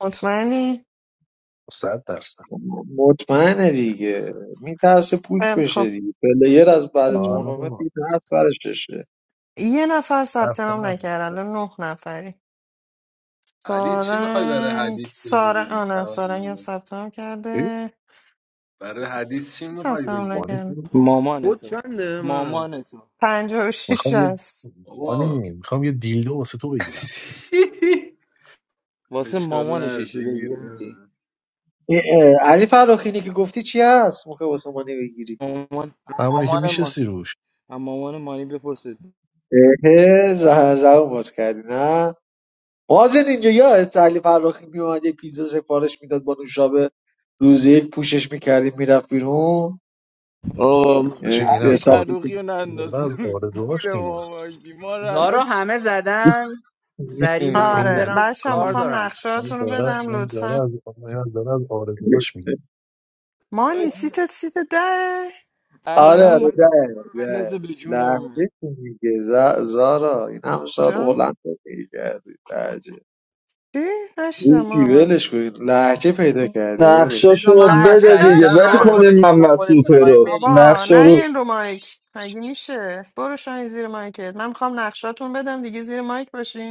Speaker 2: مطمئنی
Speaker 12: صد درصد
Speaker 14: مطمئنه دیگه میترسه پوش
Speaker 2: خیلی
Speaker 14: بشه
Speaker 2: خب
Speaker 14: دیگه پلیر از بعد
Speaker 2: م.
Speaker 12: آره
Speaker 14: تورنمنت
Speaker 12: بابا
Speaker 14: میترس برش بشه.
Speaker 2: یه نفر ثبت
Speaker 12: حرف
Speaker 2: نام
Speaker 12: نداره.
Speaker 2: نکرد الان نه نفری
Speaker 13: علی چی میخوای برای
Speaker 2: سارنگ
Speaker 13: حدیث
Speaker 2: سارنگ
Speaker 13: بگیری
Speaker 2: آه نه سارنگ هم
Speaker 13: تولده
Speaker 2: ثبت نام
Speaker 12: چی؟
Speaker 2: کرده
Speaker 13: برای حدیث چی میخوای
Speaker 2: ثبت نام
Speaker 12: مانی
Speaker 13: بگیری
Speaker 2: نکرده
Speaker 12: کو؟
Speaker 8: مامان
Speaker 3: خود
Speaker 8: تو
Speaker 3: چنده منم
Speaker 8: مامان تو
Speaker 2: پنجاه و شیش
Speaker 12: میخوام یه
Speaker 2: هست
Speaker 13: بابا
Speaker 12: مانی میخوام یه دیلدو واسه تو بگیرم
Speaker 8: واسه
Speaker 13: اشکال
Speaker 8: مامان
Speaker 13: نره
Speaker 8: شیشه
Speaker 13: بگیر
Speaker 8: بگیردی
Speaker 13: داره
Speaker 14: این، اه، علی فراخینی که گفتی چی هست موقع عثمانی بگیری
Speaker 8: مامان
Speaker 12: همونی که
Speaker 8: مامان ما
Speaker 12: میشستی روش
Speaker 8: اما مامان مانی بپرس بده
Speaker 14: اه، باز کردی نه مازن اینجا یا علی فراخی میومد یه پیزا سفارش میداد با نوشابه روز یک پوشش میکردیم میرفت بیرون
Speaker 8: آه
Speaker 12: چه
Speaker 14: اه،
Speaker 12: این
Speaker 8: علی
Speaker 12: از
Speaker 14: حساب
Speaker 12: خاطر
Speaker 8: فروخی
Speaker 14: می‌کنی.
Speaker 8: رو
Speaker 12: این
Speaker 8: ننداز
Speaker 12: از
Speaker 8: رو
Speaker 12: آرزوهاش
Speaker 8: گول
Speaker 12: میگه
Speaker 8: ما باشی ما رو
Speaker 4: زارا
Speaker 8: الان
Speaker 4: همه زدن سریع میخوام
Speaker 12: این
Speaker 2: آره
Speaker 12: داره
Speaker 4: برم
Speaker 2: بچه هم
Speaker 4: کار
Speaker 12: این
Speaker 2: میخوام
Speaker 4: دارم
Speaker 12: این
Speaker 2: نقشاتون رو
Speaker 12: داره
Speaker 2: بدم
Speaker 12: این داره
Speaker 2: لطفا
Speaker 12: از این داره از آرزوهاش میگه
Speaker 2: مانی سیتت سیت ده
Speaker 8: علی
Speaker 14: آره آره
Speaker 2: مانی
Speaker 8: محمد می‌خواد
Speaker 14: ده
Speaker 8: تو رو بندازه
Speaker 14: ده
Speaker 8: به جونمون
Speaker 14: لحظه چی میگه ز- زارا این هم سال
Speaker 2: جان
Speaker 14: هلند رو میگردی تعجب
Speaker 2: چی؟
Speaker 14: این
Speaker 2: نشنم ماما
Speaker 14: ولش کنید لحجه پیدا کردی برو
Speaker 5: نقشاشون
Speaker 4: بذار
Speaker 5: رو
Speaker 4: محمد
Speaker 2: لحجه
Speaker 5: بده دیگه
Speaker 4: سریعتر
Speaker 5: ول
Speaker 4: ران کنه
Speaker 2: داشتم
Speaker 5: کنیم
Speaker 4: جون
Speaker 5: محمد
Speaker 4: خودت
Speaker 5: سوپه
Speaker 4: میخوایم
Speaker 5: رو
Speaker 4: بریم
Speaker 2: بابا
Speaker 5: نقشا
Speaker 2: نه
Speaker 5: رو
Speaker 2: این رو مایک مگه میشه برو شاین زیر مایکت من میخوام نقشاتون بدم دیگه زیر مایک باشین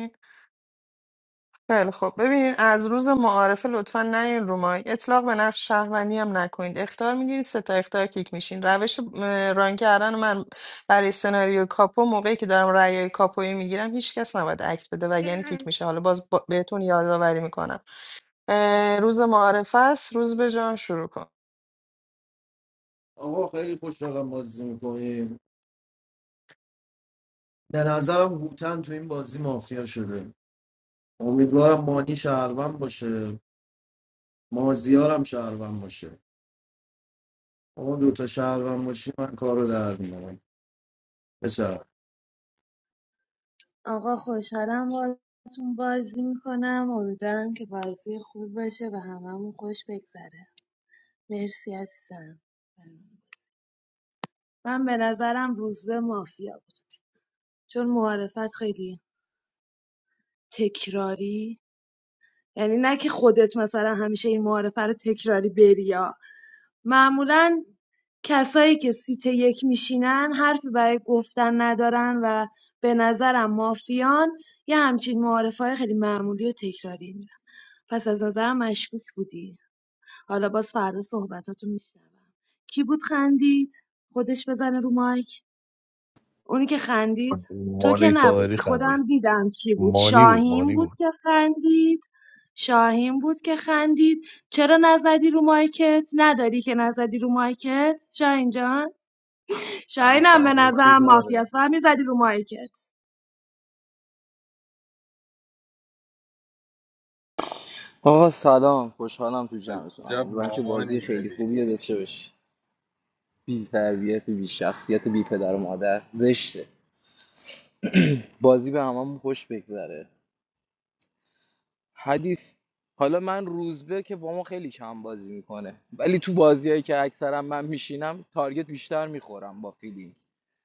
Speaker 2: خیلی خب ببینید از روز معارفه لطفا نیاین رو مایک اطلاق به نقش شهروندی هم نکنید اختار میگیرید سه تا اختار کیک میشین روش اه، ران کردن من برای سناریو کاپو موقعی که دارم رأی کاپویی میگیرم هیچ کس نباید عکس بده وگرنه کیک میشه حالا باز با- بهتون یادآوری میکنم روز معارفه است روز به جان شروع کن
Speaker 3: آقا خیلی خوشحالم بازی میکنیم به نظرم هوتن تو این بازی مافیا شده امیدوارم مانی شهروند باشه مازیارم شهروند باشه اما دوتا شهروند باشی من کار رو در میارم بچه
Speaker 9: آقا خوشحالم باهاتون بازی میکنم امیدوارم که بازی خوب باشه و هممون خوش بگذره مرسی عزیزم من به نظرم روزبه مافیا بود چون معارفت خیلی تکراری یعنی نه که خودت مثلا همیشه این معارفه رو تکراری بری یا معمولاً کسایی که سیت یک میشینن حرفی برای گفتن ندارن و به نظرم مافیان یه همچین معارفه‌های خیلی معمولی و تکراری میرن پس از نظرم مشکوک بودی حالا باز فردا صحبتاتو میشنوم کی بود خندید خودش بزنه رو مایک اونی که خندید تو که
Speaker 12: مانی تاهری
Speaker 9: نبودی
Speaker 12: خندید
Speaker 9: خودم دیدم کی بود
Speaker 12: مانی بود
Speaker 9: شاهین
Speaker 12: مانی
Speaker 9: بود
Speaker 12: بود
Speaker 9: که خندید شاهین بود که خندید چرا نزدی رو مایکت نداری که نزدی رو مایکت شاهین جان
Speaker 13: علی
Speaker 9: شاهینم به
Speaker 13: فروخی
Speaker 9: نظرم مافیا
Speaker 13: داره
Speaker 9: است فهمی زدی رو مایکت
Speaker 8: آقا سلام خوشحالم تو جمعتونم
Speaker 13: عجب
Speaker 8: امیدوارم که
Speaker 13: مامانی
Speaker 8: بازی خیلی
Speaker 13: داری
Speaker 8: خوبی رو داشته باشی بی تربیت بی شخصیت بی پدر و مادر زشته بازی به هممون خوش بگذره حدیث حالا من روزبه که با ما خیلی کم بازی میکنه ولی تو بازیایی که اکثرا من میشینم تارگت بیشتر میخورم با فیلینگ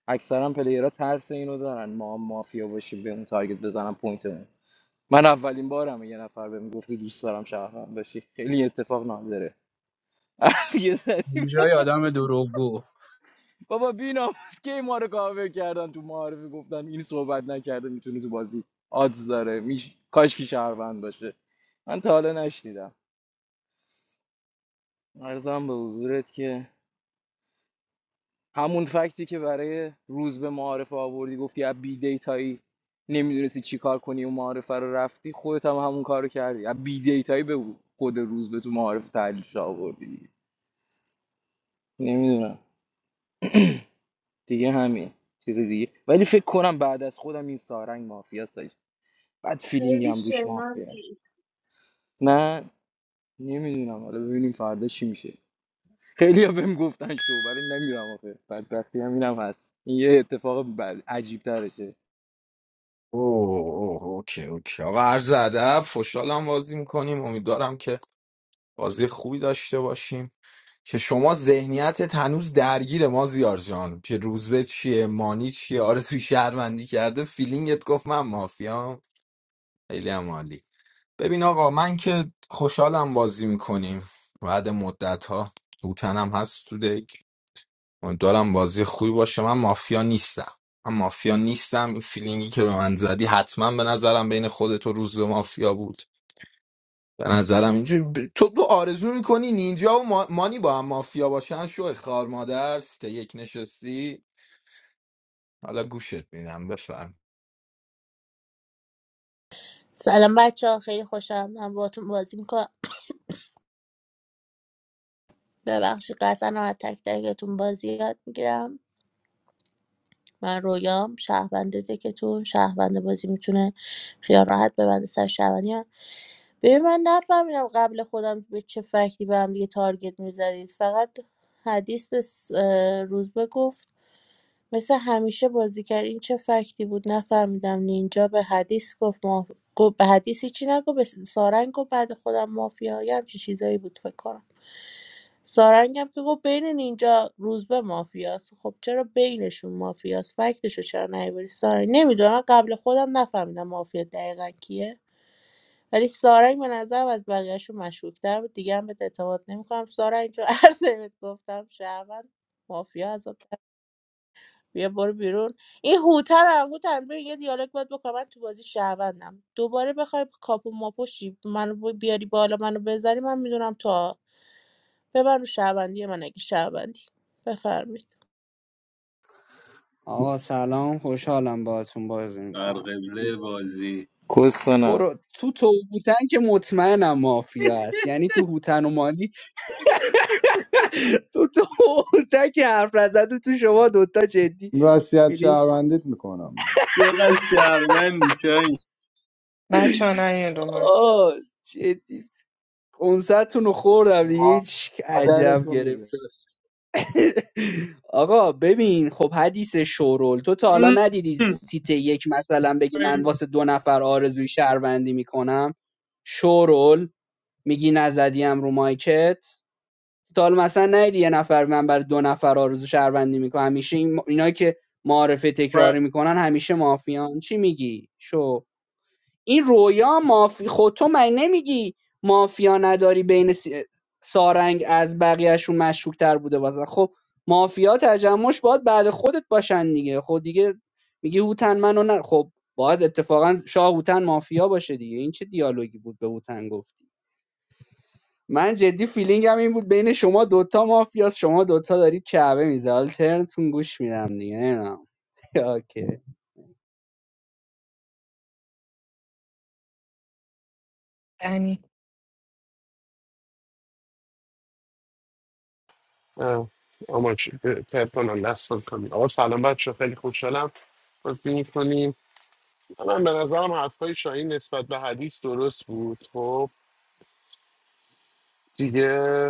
Speaker 8: اکثرا پلیرها ترس اینو دارن ما هم مافیا باشیم به اون تارگت بزنم پوینتمون من اولین بارم یه نفر بهم گفته دوست دارم شهروند باشی خیلی اتفاق نادره
Speaker 4: اینجای آدم دروغگو
Speaker 8: بابا بیناموس کی ما رو کاور کردن تو معارفه گفتن این صحبت نکرده میتونه تو بازی آدز داره میش... کاش کی شهروند باشه من تا حالا نشنیدم ارزم به حضورت که همون فکتی که برای روز به معارفه آوردی گفتی از بی دیتایی نمیدونستی چی کار کنی و معارفه رو رفتی خودت هم همون کارو کردی از بی دیتایی به خود روز به تو معارفه تحلیلش آوردی نمیدونم دیگه همین چیز دیگه ولی فکر کنم بعد از خودم این سارنگ مافیاست بد
Speaker 9: خیلی
Speaker 8: فیلینگم روش مافیه
Speaker 9: شنازی
Speaker 8: نه نمیدونم حالا ببینیم فردا چی میشه خیلی ها بهم گفتن شو ولی نمیرم آخه بدبختی هم اینم هست این یه اتفاق بد عجیب ترشه
Speaker 10: اوه اوه اوکی اوکی آقا عرض ادب خوشحالم بازی میکنیم امیدوارم که بازی خوبی داشته باشیم که شما ذهنیتت هنوز درگیر ما زیار جان که روزبه چیه مانی چیه آرزوی شهروندی کرده فیلینگت گفت من مافیام خیلی هم عالی ببین آقا من که خوشحالم بازی میکنیم بعد مدت ها هوتنم هست تو دک دارم بازی خوبی باشه من مافیا نیستم من مافیا نیستم این فیلینگی که به من زدی حتما به نظرم بین خودت و روزبه مافیا بود به نظرم اینجوری ب- تو تو آرزو میکنی نینجا و ما- مانی با هم مافیا باشن شو خار مادر سیت یک نشستی حالا گوشت میدم بفرم
Speaker 11: سلام بچه ها خیلی خوشم من باتون بازی میکنم ببخشید قطعا از تک تکتون بازی یاد میگیرم من رویام شهروند دکتون شهروند بازی میتونه خیال راحت ببنده سر شهروندی من ببین من نفهمیدم قبل خودم به چه فکری به هم دیگه تارگت میزدید فقط حدیث به س- اه، روزبه گفت مث همیشه بازیگر این چه فکتی بود نفهمیدم نینجا به حدیث گفت ماف... گفت به حدیث هیچی نگفت به سارنگ گفت بعد خودم مافیا یه همچین چیزایی بود فکر کنم سارنگ هم که گفت بین نینجا روزبه مافیاست خب چرا بینشون مافیاست فکتشو چرا نیبری سارنگ نمیدونم قبل خودم نفهمیدم مافیا دقیقا کیه ولی سارنگ به نظرم از بقیهشون مشهورتر بود دیگه هم بهت اعتماد نمیکنم سارنگ جو عرض بهت گفتم شهروند مافیا از بیا برو بیرون این هوترم هوتر ببین یه دیالوگ باید بکنم من تو بازی شهروندم دوباره بخوای کاپو ماپو شی منو ب- بیاری بالا منو بذاری من میدونم تا ببر رو شهروندی من اگه شهروندی بفرمایید
Speaker 4: آقا سلام خوشحالم باهاتون بازی
Speaker 13: بر
Speaker 4: میکنم
Speaker 13: قبله بازی
Speaker 8: کسانا
Speaker 4: برو تو تو هوتن که مطمئنم مافیا هست یعنی تو هوتن و مانی تو تو هوتن که حرف نزد و تو شما دوتا جدی
Speaker 7: وصیت
Speaker 4: فیلیپ
Speaker 7: شهروندیت میکنم
Speaker 13: چقدر شهرمندی چای
Speaker 2: بچه ها نیاین رو مایک
Speaker 4: آه جدی کنسرتون رو خوردم دیگه هیچ
Speaker 8: مادر
Speaker 4: عجب
Speaker 8: تو میگه
Speaker 4: گرفت آقا ببین خب حدیث شورول تو تا حالا ندیدی سیت یک مثلا بگی من واسه دو نفر آرزوی شهروندی میکنم شورول میگی نزدیم رو مایکت تا حالا مثلا ندیدی یه نفر من بر دو نفر آرزو شهروندی میکنم همیشه این اینا که معارفه تکراری میکنن همیشه مافیان چی میگی شو این رویا مافی خب تو مگه نمیگی مافیا نداری بین سارنگ از بقیهشون مشکوک تر بوده واسه خب مافیا تجمعش باید بعد خودت باشن دیگه خب دیگه میگی هوتن منو نه خب باید اتفاقا شاه هوتن مافیا باشه دیگه این چه دیالوگی بود به هوتن گفتی من جدی فیلینگم این بود بین شما دوتا مافیاست شما دوتا دارید کعبه میزه حالا ترنتون گوش میدم دیگه نمیدونم اوکی
Speaker 2: یعنی
Speaker 1: اه، اما چی پرپنان دست کنیم آقا سلام بچه خیلی خوشحالم بازی میکنیم من به نظرم حرفای شاهین نسبت به حدیث درست بود خب دیگه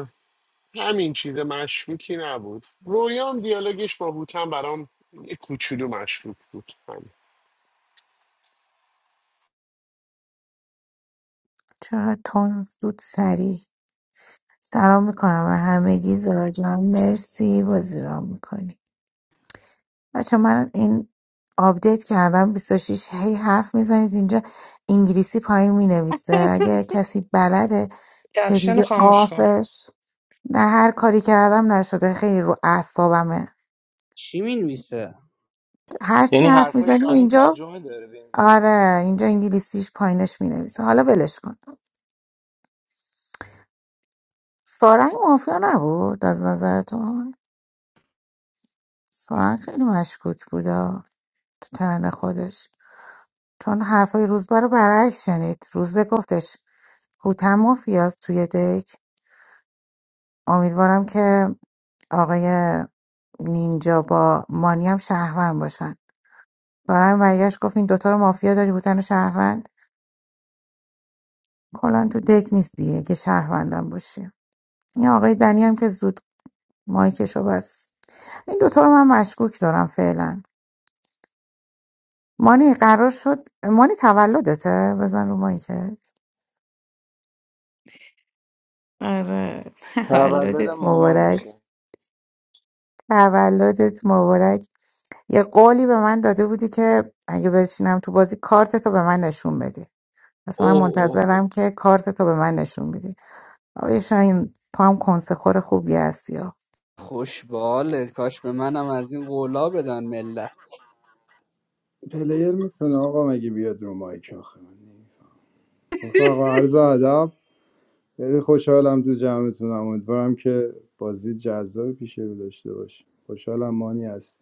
Speaker 1: همین چیز مشکوکی نبود رویان دیالوگش با هوتن برام یه کوچولو مشکوک بود همین
Speaker 6: چرا تون زود سریع سلام میکنم و همگی زارا جان مرسی بازی را میکنی بچه من این آپدیت کردم 26 هی حرف میزنید اینجا انگلیسی پایین مینویسه اگه کسی بلده
Speaker 2: کپشن رو
Speaker 6: چجوری
Speaker 2: خاموش کن
Speaker 6: آفش نه هر کاری کردم نشده خیلی رو اعصابمه
Speaker 4: چی مینویسه
Speaker 6: هر چی
Speaker 8: یعنی
Speaker 6: حرف
Speaker 8: حرفای
Speaker 6: میزنی
Speaker 8: شاهین
Speaker 6: اینجا
Speaker 8: ترجمه داره به انگلیسی
Speaker 6: آره اینجا انگلیسیش پایینش مینویسه حالا ولش کن سارنگ مافیا نبود از نظرتون سارنگ خیلی مشکوک بود آه، تو ترن خودش چون حرفای روزبه رو برعکس شنید روزبه گفتش هوتم مافیاست توی دک امیدوارم که آقای نینجا با مانی هم شهروند باشن دارم برگشت گفت این دوتا رو مافیا داری بودن و شهروند کلا تو دک نیست دیگه که شهروندم باشی این آقای دنی هم که زود مایکشو بس این دوتا رو من مشکوک دارم فعلا مانی قرار شد مانی تولدته بزن رو مایکت آره
Speaker 8: تولد
Speaker 6: تولدت مبارک
Speaker 8: مامانشه
Speaker 6: تولدت مبارک یه قولی به من داده بودی که اگه بشینم تو بازی کارتتو به من نشون بدی اصلا من
Speaker 4: اوه اوه
Speaker 6: منتظرم که کارتتو به من نشون بدی آقای شاهین تو هم کنسخور خوبی هستی
Speaker 4: خوش بالت کاش به منم از این قولا بدن ملت
Speaker 7: پلیر میتونه آقا مگه بیاد رو مایک آخه رفقا عرض ادب خیلی خوشحالم تو جمعتونم امیدوارم که بازی جذاب پیش رو داشته باشه خوشحالم مانی هست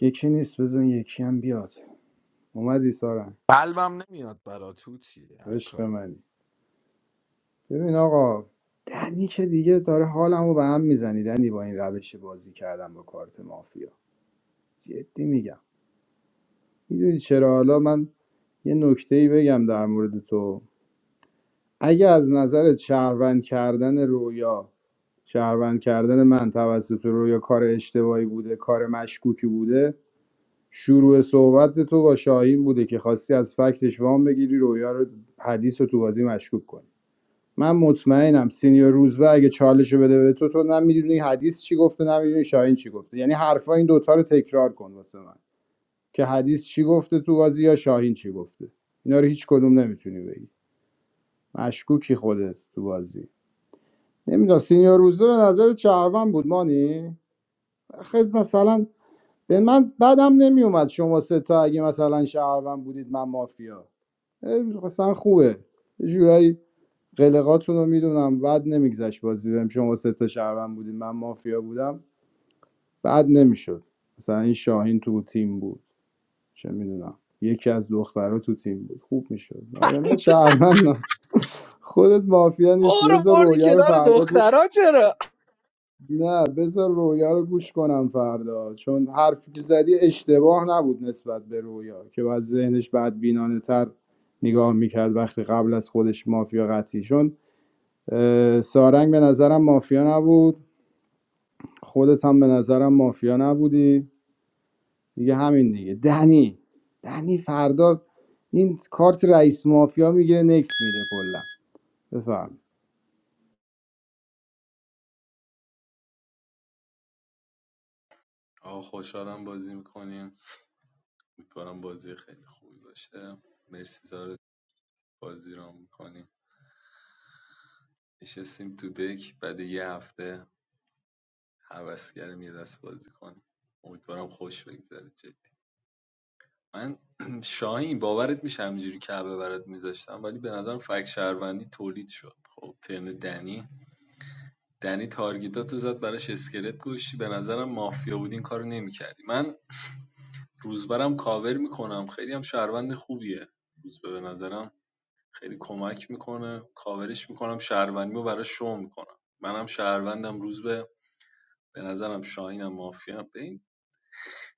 Speaker 7: یکی نیست بزن یکی هم بیاد اومدی سارن
Speaker 10: قلبم نمیاد برا تو چیه هر
Speaker 7: عشق
Speaker 10: کاری
Speaker 7: منی ببین آقا دنی که دیگه داره حالمو به هم میزنی دنی با این روش بازی کردم با کارت مافیا جدی میگم میدونی چرا حالا من یه نکته ای بگم در مورد تو اگه از نظرت شهروند کردن رویا شهروند کردن من توسط رویا کار اشتباهی بوده کار مشکوکی بوده شروع صحبت تو با شاهین بوده که خواستی از فکتش وام بگیری رویا رو حدیث و تو بازی مشکوک کنی من مطمئنم سینیور روزبه اگه چالش رو بده به تو تو نمیدونی حدیث چی گفته نمیدونی شاهین چی گفته یعنی حرفا این دوتا رو تکرار کن واسه من که حدیث چی گفته تو بازی یا شاهین چی گفته اینا رو هیچ کدوم نمیتونی بگی مشکوکی خودت تو بازی نمیدونم سینیور روزبه به نظر چهروند بود مانی خیلی مثلا به من بدم نمیومد شما سه تا اگه مثلا شهروند بودید من مافیا اه، مثلا خوبه جورایی قلقاتون رو میدونم بعد نمیگذشت بازی بهم شما سه تا شهروند بودید من مافیا بودم بعد نمیشد مثلا این شاهین تو تیم بود چه میدونم یکی از دخترها تو تیم بود خوب میشد آره من شهروندم خودت مافیا نیستی
Speaker 4: برو
Speaker 7: بذار
Speaker 4: بردی
Speaker 7: رویا رو
Speaker 4: کنار
Speaker 7: فردا گوش
Speaker 4: دخترا چرا
Speaker 7: نه بذار رویا رو گوش کنم فردا چون حرفی که زدی اشتباه نبود نسبت به رویا که باید ذهنش بدبینانه تر نگاه میکرد وقتی قبل از خودش مافیا قطعی چون اه، سارنگ به نظرم مافیا نبود خودت هم به نظرم مافیا نبودی دیگه همین دیگه دنی دنی فردا این کارت رئیس مافیا میگیره نکس میده کلا بفهم
Speaker 13: آقا خوشحالم بازی میکنیم امیدوارم بازی خیلی خوبی باشه مرسی زارت بازی رو میکنیم نشستیم تو دک بعد یه هفته هوسگرم یه دست بازی کنیم امیدوارم خوش بگذره جدی من شاهین باورت میشه همینجوری کعبه برات میذاشتم ولی به نظرم فک شهروندی تولید شد خب ترن دنی دنی تارگیتاتو زد براش اسکلت گوشی به نظرم مافیا بود این کارو نمیکردی من روزبرم کاور میکنم خیلی هم شهروند خوبیه روزبه به نظرم خیلی کمک میکنه کاورش میکنم شهروندیمو براش شو میکنم منم شهروندم روزبه به نظرم شاهینم مافیا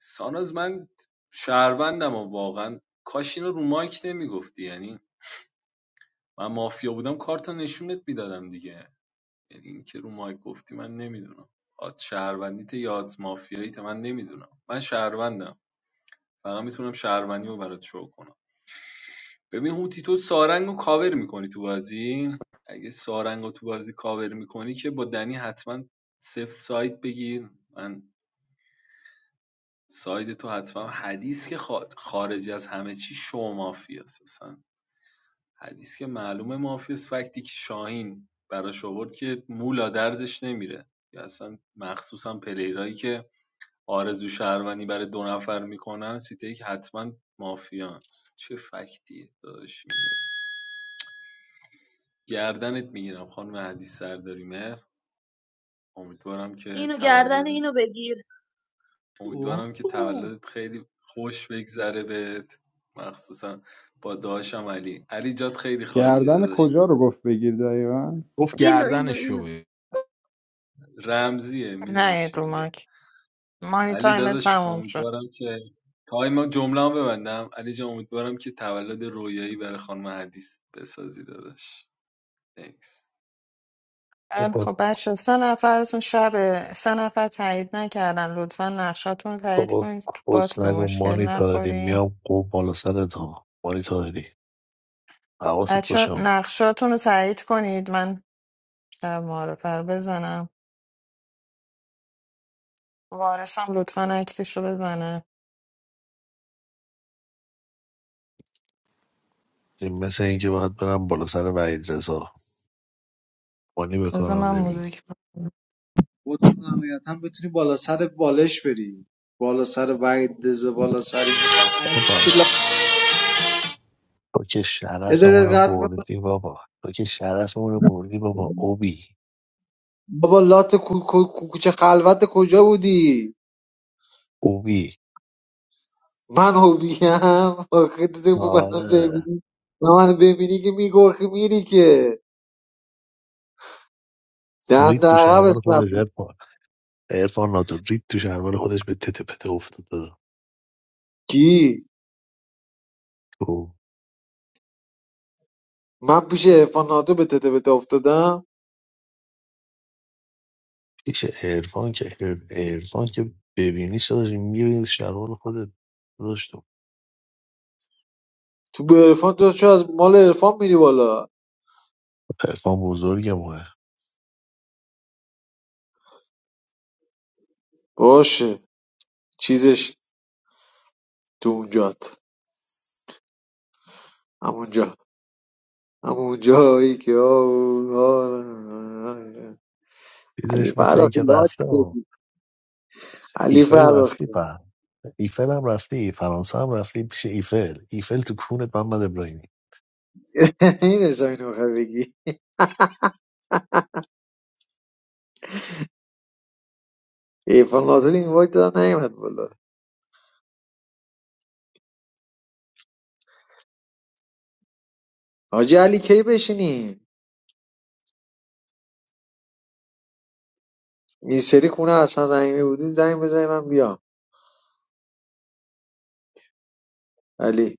Speaker 13: ساناز من شهروندم و واقعا کاش اینو رو مایک نمیگفتی یعنی من مافیا بودم کارتو نشونت میدادم دیگه یعنی این که رو مایک گفتی من نمیدونم آت شهروندیت یا آت مافیاییت من نمیدونم من شهروندم فقط میتونم شهروندی رو برات شو کنم ببین هوتی تو سارنگ رو کاور میکنی تو بازی اگه سارنگ تو بازی کاور میکنی که با دنی حتما سفت سایت بگیر من ساید تو حتما حدیث که خا- خارج از همه چی شو مافیاست اصلا حدیث که معلومه مافیاست فکتی که شاهین براش آورد که مولا درزش نمیره یا اصلا مخصوصا پلیرایی که آرزو شهروندی برای دو نفر میکنن سیته که حتما مافیاست چه فکتیه داداش میاری گردنت میگیرم خانم حدیث سرداری مهر امیدوارم که
Speaker 9: اینو گردن
Speaker 13: تولد
Speaker 9: اینو بگیر
Speaker 4: اوه.
Speaker 13: امیدوارم که تولدت خیلی خوش بگذره بهت مخصوصا با داداشم علی علی جات خیلی خالیه
Speaker 7: گردن
Speaker 13: داداش
Speaker 7: کجا رو گفت بگیر دقیقا
Speaker 10: گفت
Speaker 9: اینو اینو
Speaker 10: گردنش رو
Speaker 9: اینو
Speaker 10: بگیر.
Speaker 13: رمزیه میدونم
Speaker 2: نیاین
Speaker 13: چی
Speaker 2: رو
Speaker 13: میگه
Speaker 2: مایک مانی
Speaker 13: علی
Speaker 2: تایم
Speaker 13: داداش
Speaker 2: تموم شد
Speaker 13: امیدوارم که تایم ما جمله هم ببندم علی جان امیدوارم که تولد رویایی برای خانم حدیث بسازی داداش Thanks.
Speaker 2: خیلی
Speaker 12: خب،
Speaker 2: خب بچه سه نفرتون شب سه نفر تایید نکردن لطفا نقشاتون رو تایید
Speaker 12: بابا
Speaker 2: کنید تو بات
Speaker 12: کس
Speaker 2: به
Speaker 12: نگو
Speaker 2: مشکل
Speaker 12: مانی تاهری
Speaker 2: نخورین
Speaker 12: میام قوم بالا سرت ها مانی تاهری حواست
Speaker 2: بچه
Speaker 12: باشه ها.
Speaker 2: نقشاتون رو تایید کنید من شب معارفه رو بزنم وارثم لطفا اکتش رو بزنه
Speaker 12: این مثل اینکه باید برم بالا سر وحید رضا مانی
Speaker 2: بذار من
Speaker 12: بکنم نمی‌بینی.
Speaker 2: موزیک
Speaker 14: و تو نهایتا بتونی بالا سر بالش بری بالا سر وحید دزه بالا سر این اون
Speaker 12: بابا
Speaker 14: چی لا
Speaker 12: تو که
Speaker 14: یه
Speaker 12: شرفمون
Speaker 14: دقیقه
Speaker 12: رو
Speaker 14: قطع کن.
Speaker 12: بردی بابا تو که شرفمون رو بردی بابا اوبی
Speaker 14: بابا لات کو- کو- کو- کوچه خلوت کجا بودی
Speaker 12: اوبی
Speaker 14: من هوبیم آخه تو بود منو
Speaker 12: آره
Speaker 14: ببینی و منو ببینی که میگرخی میری که
Speaker 12: رید
Speaker 14: دند
Speaker 12: تو
Speaker 14: عقب
Speaker 12: شلوار
Speaker 14: اسمت
Speaker 12: خودش
Speaker 14: بود.
Speaker 12: ارفان ارفان ناتو رید تو شلوار خودش به تته پته افتاده
Speaker 14: کی
Speaker 12: تو
Speaker 14: من پیش عرفان ناتو به تته بته افتادم
Speaker 12: پیش ارفان که ارفان که ببینیش داشت میری شلوار خودت داشت
Speaker 14: تو به عرفان تو چه از مال عرفان میری بالا
Speaker 12: پرفان بزرگ ماه
Speaker 14: باشه چیزش تو اونجات همونجا همون جایی که آه، آه، علی
Speaker 12: چیزش مثل
Speaker 14: فرخی
Speaker 12: اینکه
Speaker 14: لاک
Speaker 12: رفته ها
Speaker 14: شدی علی
Speaker 12: ایفل رفتی
Speaker 14: فرخی
Speaker 12: په ایفل هم رفتی فرانسه هم رفتی پیش ایفل ایفل تو کونت محمد ابراهیمی
Speaker 14: این داشتم اینو بخواه بگی ایفان ناتوری این وقت دادن نیمد بالا حاجی علی کی بشینی این سری خونه اصلا رحیمی بودی زنگ بزنی من بیام علی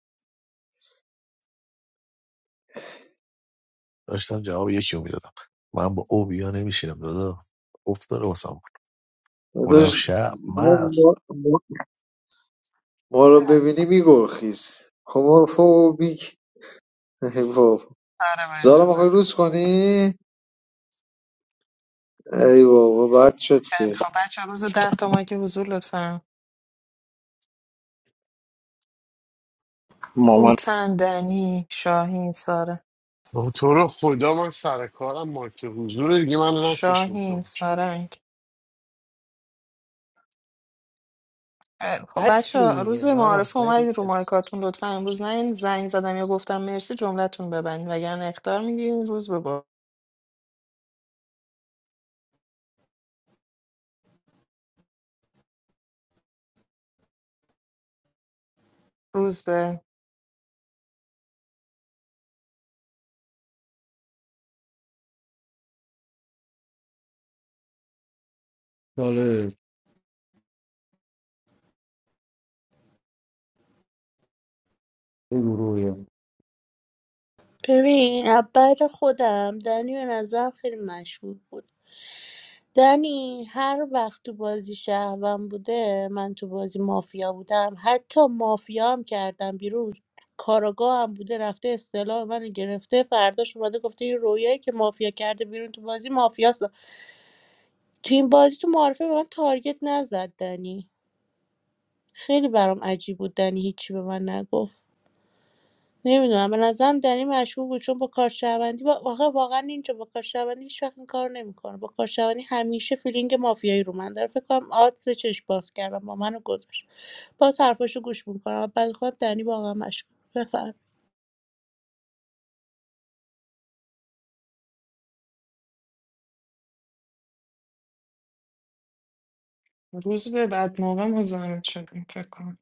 Speaker 12: داشتم جواب یکی رو میدادم من با او اوبیا نمیشینم دادا افت داره واسم اونم
Speaker 14: داداش
Speaker 12: شب
Speaker 14: ما,
Speaker 12: مست
Speaker 14: ما, ما ما رو ببینی میگرخیز خمافوبیک ای بابا
Speaker 2: آره با
Speaker 14: زالا میخوای
Speaker 2: اجازهتون.
Speaker 14: روز کنی؟ ای بابا بد شد
Speaker 2: خیلی
Speaker 14: که
Speaker 2: خب بچه روز ده تا ماه که حضور لطفا
Speaker 8: مامان
Speaker 2: هوتن دنی شاهین ساره
Speaker 1: با تو رو خدا من سر کارم مارک حضور دیگه من نکشون تو
Speaker 2: شاهین
Speaker 1: اونجا.
Speaker 2: سارنگ خب بچه
Speaker 4: هستیم دیگه
Speaker 2: روز
Speaker 4: زارا
Speaker 2: معارفه
Speaker 4: بریم
Speaker 2: اومدین رو مایکاتون لطفا امروز نه این زنگ زدم یا گفتم مرسی جملتون ببند وگرنه اخطار میگیرین روز به با روز به
Speaker 3: چاله این گروه
Speaker 11: ببین از بعد خودم دنی به نظرم خیلی مشهور بود دنی هر وقت تو بازی شهروند بوده من تو بازی مافیا بودم حتی مافیا هم کردم بیرون کاراگاه هم بوده رفته اصطلاح منو گرفته فرداش اومده گفته این رویایی که مافیا کرده بیرون تو بازی مافیاست تو این بازی تو معارفه به من تارگت نزد دنی خیلی برام عجیب بود دنی هیچی به من نگفت نمیدونم به نظرم دنی مشهور بود چون با کارشهروندی با... آخه واقعا اینجا با کارشهروندی هیچ وقت این کار نمیکنه با کارشهروندی همیشه فیلینگ مافیایی رو من داره فکر کنم آدز چش باز کردم با منو گذاشت باز حرفاشو گوش میکنم بعد خودم دنی واقعا مشهور بفهم
Speaker 2: روز به بعد موقع مزاحمت شدیم فکر کنم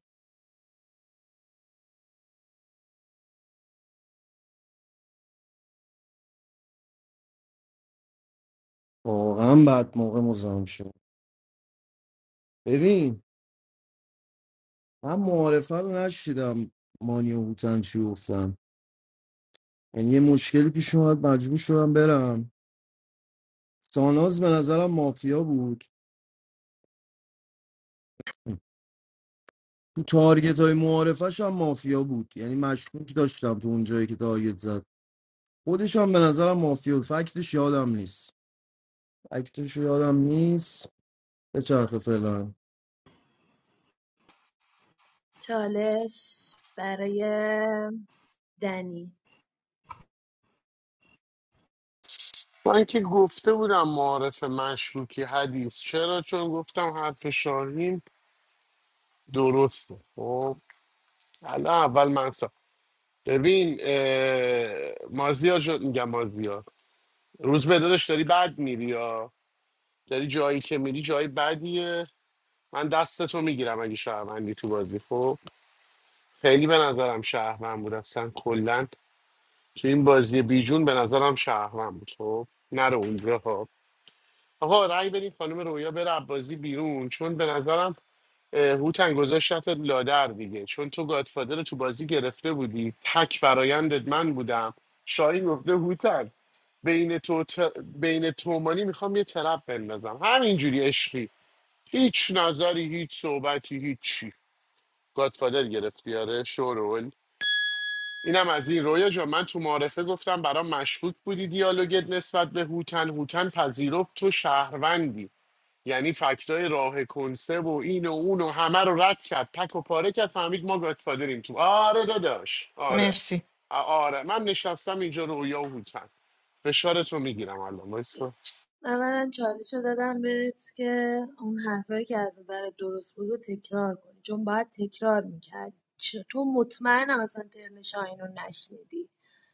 Speaker 3: واقعا بعد موقع مزاحم شد ببین من معارفه رو نشیدم مانی و هوتن چی گفتم یعنی یه مشکلی پیش اومد مجبور شدم برم ساناز به نظرم مافیا بود تو تارگت های معارفش هم مافیا بود یعنی مشکوک داشتم تو اون جایی که تارگت زد خودش هم به نظرم مافیا بود. فکتش یادم نیست اکتش یادم نیست به چرخه فعلا
Speaker 9: چالش برای دنی
Speaker 1: من که گفته بودم معارف مشروکی حدیث چرا چون گفتم حرف شاهین درسته خب حالا اول من سا. ببین اه، مازیار جو... میگم مازیا روز به داداش داری بد میری یا داری جایی که میری جایی بدیه من دستتو میگیرم اگه شهروندی تو بازی خب خیلی به نظرم شهروند بود اصلا کلا تو این بازی بیجون به نظرم شهروند بود خب نره اونجا ها آقا رأی بدین خانم رویا بره از بازی بیرون چون به نظرم اه، هوتن گذاشتت لادر دیگه چون تو گادفادر رو تو بازی گرفته بودی تک برایندت من بودم شاهین گفته هوتن بین تو تر... بین تومانی میخوام یه طرف بندازم همینجوری عشقی هیچ نظری هیچ صحبتی هیچ گادفادر گرفتی آره شورول اینم از این رویا جان من تو معارفه گفتم برام مشکوک بودی دیالوگت نسبت به هوتن هوتن پذیرفت تو شهروندی یعنی فکتای راه کنسه و این و اون و همه رو رد کرد تک و پاره کرد فهمید ما گادفادریم تو آره داداش آره
Speaker 2: مرسی
Speaker 1: آ- آره من نشستم اینجا رویا و هوتن فشارتو میگیرم الان وایسا.
Speaker 9: اولا چالش رو دادم بهت که اون حرفایی که از نظر درست بود رو تکرار کنی چون باید تکرار میکرد تو مطمئنم اصلا ترن شاهین رو نشنیدی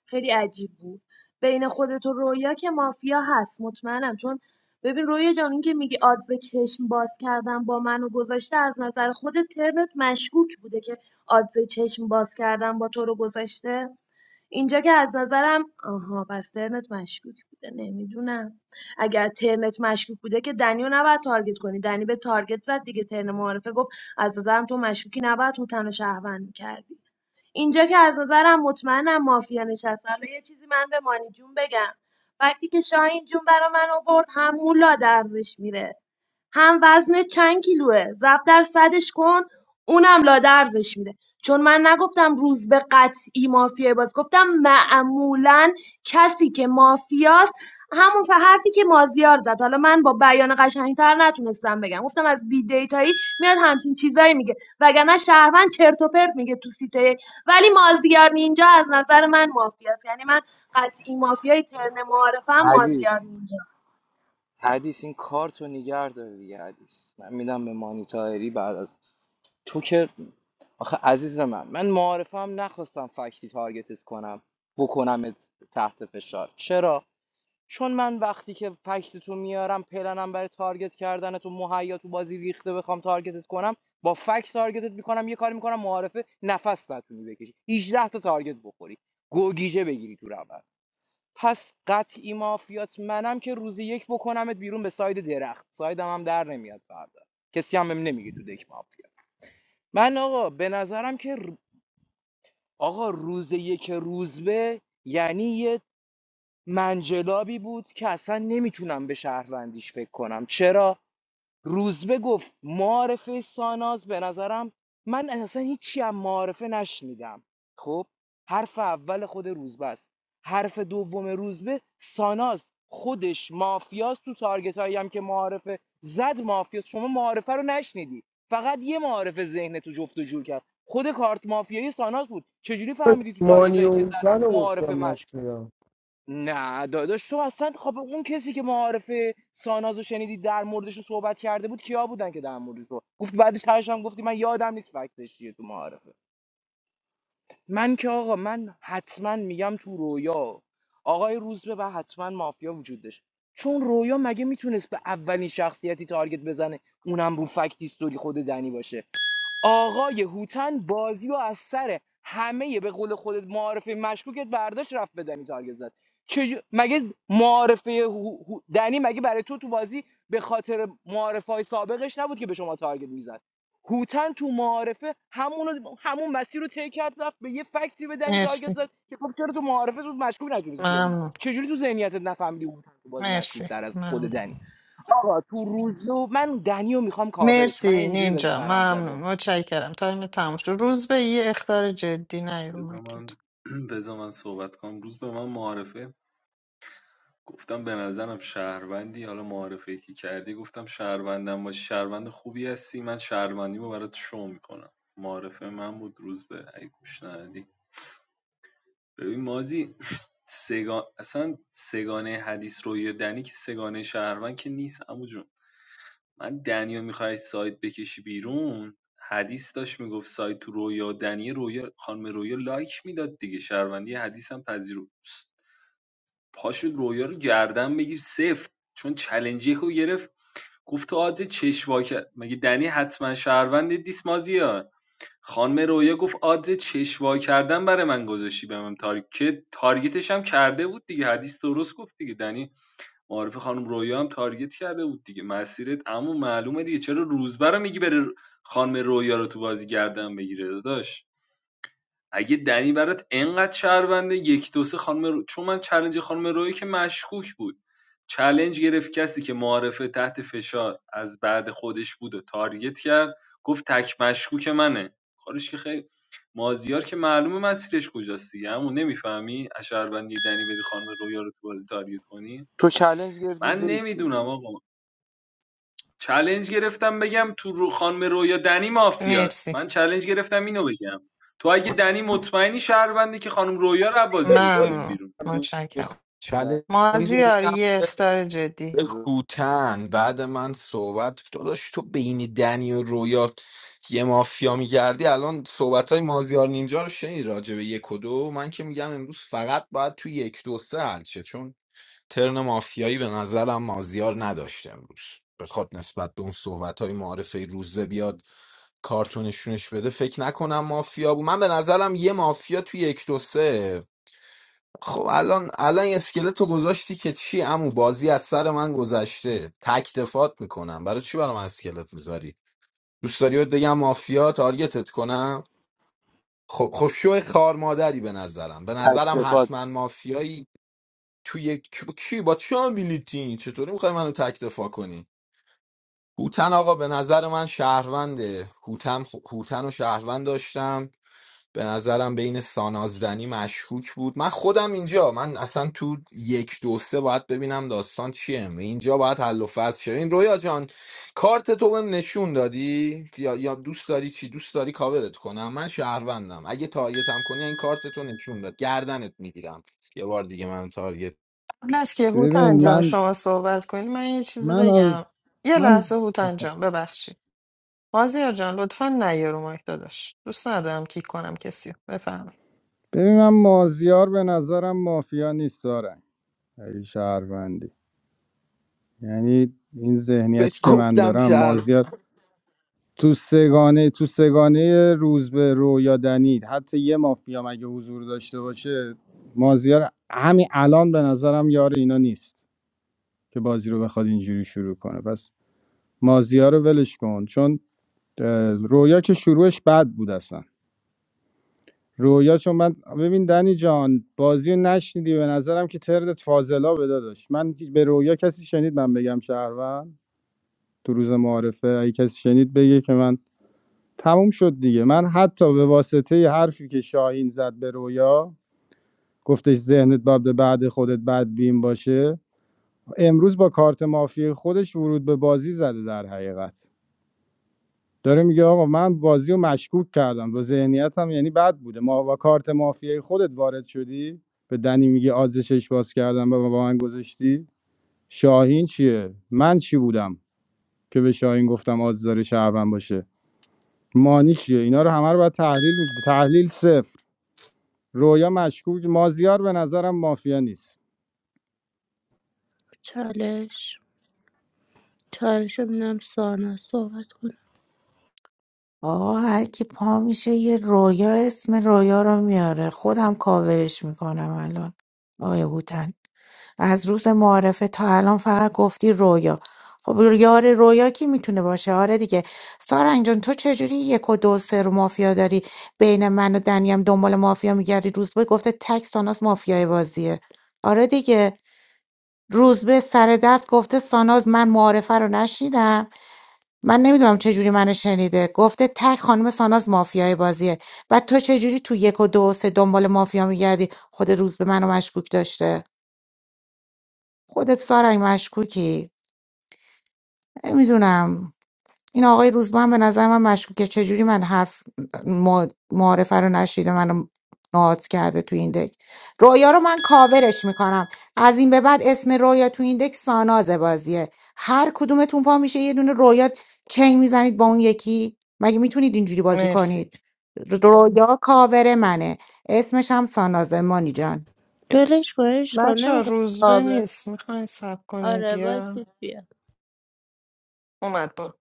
Speaker 9: خیلی عجیب بود بین خودت و رویا که مافیا هست مطمئنم چون ببین رویا جان این که میگی آدز چشم باز کردن با منو گذاشته از نظر خودت ترنت مشکوک بوده که آدز چشم باز کردن با تو رو گذاشته اینجا که از نظرم آها پس ترنت مشکوک بوده نمیدونم اگر ترنت مشکوک بوده که دنیو نباید تارگت کنی دنی به تارگت زد دیگه ترن معارفه گفت از نظرم تو مشکوکی نباید هوتن و شهروند میکردی اینجا که از نظرم مطمئنم مافیا نشسته حالا یه چیزی من به مانی جون بگم وقتی که شاهین جون برا من آورد هم مولا درزش میره هم وزن چند کیلوه؟ ضرب در صدش کن اونم لادرزش می‌ره چون من نگفتم روز روزبه قطعی مافیای بازی گفتم معمولا کسی که مافیاست همون ف- حرفی که مازیار زد حالا من با بیان قشنگتر نتونستم بگم گفتم از بی دیتایی میاد همچین چیزایی میگه وگرنه شهروند چرت و پرت میگه تو سیته یک ولی مازیار نینجا از نظر من مافیاست یعنی من قطعی مافیای ترن معارفم مازیار
Speaker 8: حدیث
Speaker 9: نینجا
Speaker 8: حدیث این کارتو نگر داره دیگه حدیث من میدم به مانی طاهری بعد از تو که آخه عزیز من من معارفه هم نخواستم فکتی تارگتت کنم بکنمت تحت فشار چرا چون من وقتی که فکت تو میارم پلنم برای تارگت کردن تو مهیا تو بازی ریخته بخوام تارگتت کنم با فکت تارگتت میکنم یه کاری میکنم معارفه نفس نتونی بکشی 18 تا تارگت بخوری گوگیجه بگیری تو روند پس قطعی مافیات منم که روزی یک بکنمت بیرون به ساید درخت سایدم هم در نمیاد فردا کسی هم بهم نمیگه تو دک مافیا من آقا به نظرم که رو- آقا روز یک روزبه یعنی یه منجلابی بود که اصلا نمیتونم به شهروندیش فکر کنم چرا روزبه گفت معارفه ساناز به نظرم من اصلا هیچی هم معارفه نشنیدم خب حرف اول خود روزبه است حرف دوم روزبه ساناز خودش مافیاست تو تارگت هایی هم که معارفه زد مافیاست شما معارفه رو نشنیدی فقط یه معارفه ذهن تو جفت و جور کرد خود کارت مافیایی ساناز بود چجوری فهمیدی تو تارگت
Speaker 3: مانیو
Speaker 8: هایی که
Speaker 3: اون
Speaker 8: زد معارفه
Speaker 3: گفتم
Speaker 8: مشکوک؟
Speaker 3: نشیدم
Speaker 8: نه داداش تو اصلا خب اون کسی که معارف سانازو شنیدی در موردش رو صحبت کرده بود کیا بودن که در موردش صحبت گفت بعدش ترشم هم گفتی من یادم نیست فکتش چیه تو معارفه من که آقا من حتما میگم تو رویا آقای روزبه و حتما مافیا وجود داشت چون رویا مگه میتونست به اولین شخصیتی تارگت بزنه اونم رو فکت هیستوری خود دنی باشه آقای هوتن بازی و از سر همه به قول خودت معارفه مشکوکت برداشت رفت به دنی تارگت زد چجو- مگه معارفه هو- هو- دنی مگه برای تو تو بازی به خاطر معارفه های سابقش نبود که به شما تارگت میزد هوتن تو معارفه همون همون مسیر رو طی کرد رفت به یه فکتی به دنی تارگت
Speaker 2: مرسی
Speaker 8: زد که خب چرا تو معارفه تو مشکوک نتونستی تولید
Speaker 2: ممنون
Speaker 8: چجوری تو ذهنیتت نفهمیدی هوتن تو بازی مشکوک
Speaker 2: مرسی
Speaker 8: در از خود
Speaker 2: ممنون
Speaker 8: دنی آقا تو روزو من دنیو رو میخوام کاورش من
Speaker 2: مرسی
Speaker 8: اینجوری به
Speaker 2: نینجا
Speaker 8: سرم
Speaker 2: ممنون
Speaker 8: زده
Speaker 2: متشکرم تایم تموم شد روز به یه اخطار جدی نه رو
Speaker 13: بذار
Speaker 2: مایک
Speaker 13: من
Speaker 2: لطفا
Speaker 13: بذار من صحبت کنم روز به من معارفه گفتم به نظرم شهروندی حالا معارفه که کردی گفتم شهروندم باشی شهروند خوبی هستی من شهروندیمو برات شو میکنم معارفه من بود روز به ای گوش ندادی ببین مازی سگان اصلا سگانه حدیث روی دنی که سگانه شهروند که نیست عمو جون من دنیا میخوای سایت بکشی بیرون حدیث داشت میگفت سایت تو رویا دنی رویا خانم رویا لایک میداد دیگه شهروندی حدیث هم پذیرو پاشو رویا رو گردن بگیر سفت چون چلنجی رو گرفت گفت تو آدز چشواک مگه دنی حتما شهروند دیسمازیار خانم رویا گفت آدز چشوا کردن برای من گذاشتی به من تارگت که تارگتش هم کرده بود دیگه حدیث درست گفت دیگه دنی معارف خانم رویا هم تارگت کرده بود دیگه مسیرت اما معلومه دیگه چرا روزبر رو میگی بره خانم رویا رو تو بازی گردن بگیره داداش اگه دنی برات انقدر شهرونده یک دو سه خانم رو... چون من چلنج خانم روی که مشکوک بود چلنج گرفت کسی که معارفه تحت فشار از بعد خودش بود و تارگت کرد گفت تک مشکوک منه کارش که خیلی مازیار که معلومه مسیرش کجاست دیگه همون نمیفهمی از شهروندی دنی بری خانم رویا رو تو بازی تارگت کنی
Speaker 8: تو چالش گرفتی
Speaker 13: من نمیدونم
Speaker 8: ویسی
Speaker 13: آقا چلنج گرفتم بگم تو رو خانم رویا دنی مافیاست
Speaker 2: مرسی
Speaker 13: من چلنج گرفتم اینو بگم تو اگه دنی مطمئنی شهروندی که خانم رویا رو بازی بکنیم
Speaker 2: ممنون
Speaker 13: بیرون
Speaker 2: متشکرم
Speaker 10: چلنج رو
Speaker 2: مازیار
Speaker 10: میدم
Speaker 2: یه
Speaker 10: به
Speaker 2: اخطار جدی
Speaker 10: هوتن بعد من صحبت تو داشت تو بین دنی و رویا یه مافیا میگردی الان صحبت های مازیار نینجا رو شنید راجع به یک و دو من که میگم امروز فقط باید تو یک دو سه حل شه. چون ترن مافیایی به نظرم مازیار نداشته امروز بخواد نسبت به اون صحبت های معارفه روزه بیاد کارتونشونش بده فکر نکنم مافیا بود من به نظرم یه مافیا توی یک دو سه خب الان الان یه اسکلتو گذاشتی که چی امو بازی از سر من گذشته تک دفات میکنم برای چی برام اسکلت میذاری دوست داری بهت بگم مافیا تارگتت کنم خب خب شو خار مادری به نظرم به نظرم
Speaker 8: تکلیفات
Speaker 10: حتما مافیایی تو یک کی کی؟ با چه میلیتین چطوری میخوای منو تک دفاع کنی هوتن آقا به نظر من شهرونده هوتن خ... هوتن و شهروند داشتم به نظرم بین سانازدنی مشکوک بود من خودم اینجا من اصلا تو یک دو سه باید ببینم داستان چیه اینجا باید حل و فصل شه این رویا جان کارت تو بهم نشون دادی یا یا دوست داری چی دوست داری کاورت کنم من شهروندم اگه تارگتم کنی این کارت تو نشون داد گردنت میگیرم یه بار دیگه من تارگت
Speaker 2: قبل از که
Speaker 7: ببین
Speaker 2: هوتن جان
Speaker 7: من
Speaker 2: شما صحبت کنی من یه چیزی
Speaker 7: من از
Speaker 2: بگم یه
Speaker 7: من
Speaker 2: لحظه هوتن جان ببخشید مازیار جان لطفا نیا رو مایک داداش دوست ندارم کیک کنم کسی رو. بفهمید
Speaker 7: ببین من مازیار به نظرم مافیا نیست دارن ای شهروندی یعنی این ذهنیتی
Speaker 10: بهش
Speaker 7: که من
Speaker 10: گفتم
Speaker 7: دارم
Speaker 10: شهر
Speaker 7: مازیار تو سگانه تو سگانه روز به رو یا دنید حتی یه مافیا مگه حضور داشته باشه مازیار همین الان به نظرم یار اینا نیست که بازی رو بخواد اینجوری شروع کنه پس مازیار رو ولش کن چون اه، رویا که شروعش بد بود اصلا رویا چون من ببین دنی جان بازی رو نشنیدی به نظرم که تردت فاضلا به داداش من به رویا کسی شنید من بگم شهروند تو روز معارفه اگه کسی شنید بگه که من تموم شد دیگه من حتی به واسطه ی حرفی که شاهین زد به رویا گفتش ذهنت باید بعد خودت بدبین باشه امروز با کارت مافی خودش ورود به بازی زده در حقیقت داره میگه آقا من بازی رو مشکوک کردم و ذهنیتم یعنی بد بوده ما با کارت مافیای خودت وارد شدی به دنی میگه آدز شش باز کردم و با من گذاشتی شاهین چیه من چی بودم که به شاهین گفتم آدز داره شهروند باشه مانی چیه اینا رو همه رو باید تحلیل می- تحلیل صفر رویا مشکوک مازیار به نظرم مافیا نیست
Speaker 11: چالش چالش رو میدم سانا صحبت کنه
Speaker 6: آقا هر کی پا میشه یه رویا اسم رویا رو میاره خودم کاورش میکنم الان آقای هوتن از روز معارفه تا الان فقط گفتی رویا خب یار رویا کی میتونه باشه آره دیگه سارنگ جان تو چجوری یک و دو و سه رو مافیا داری بین من و دنیم دنبال مافیا میگردی روزبه گفته تک ساناس مافیای بازیه آره دیگه روزبه سر دست گفته ساناز من معارفه رو نشیدم من نمیدونم چه جوری منو شنیده گفته تک خانم ساناز مافیای بازیه بعد تو چه جوری تو یک و دو و سه دنبال مافیا میگردی خود روز به منو مشکوک داشته خودت سارنگ مشکوکی نمیدونم این آقای روزبه هم به نظر من مشکوکه چجوری من حرف ما- معارفه رو نشیده منو نهاد کرده تو این دک رویا رو من کاورش میکنم از این به بعد اسم رویا تو این دک ساناز بازیه هر کدومتون پا میشه یه دونه رویا چنگ میزنید با اون یکی مگه میتونید اینجوری بازی
Speaker 2: مرسی
Speaker 6: کنید رویا کاور منه اسمش هم سانازه مانی جان
Speaker 11: ولش کن عشقم
Speaker 2: بچه ها
Speaker 11: نمیخواد
Speaker 2: روزبه
Speaker 11: کاور
Speaker 2: نیست میخواین سب کنید
Speaker 11: آره
Speaker 2: بیا
Speaker 11: وایسید بیاد
Speaker 2: اومد با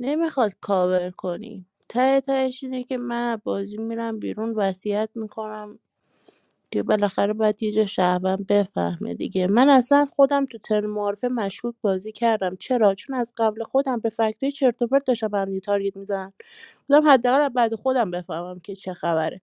Speaker 11: نمیخواد کاور کنی ته تهش اینه که من از بازی میرم بیرون وصیت میکنم دیگه بالاخره باید یه جا شهروند بفهمه دیگه من اصلا خودم تو ترن معارفه مشکوک بازی کردم چرا چون از قبل خودم به فکتای چرت و پرت داشتم به هم دیگه تارگت میزنم بودم حداقل از بعد خودم بفهمم که چه خبره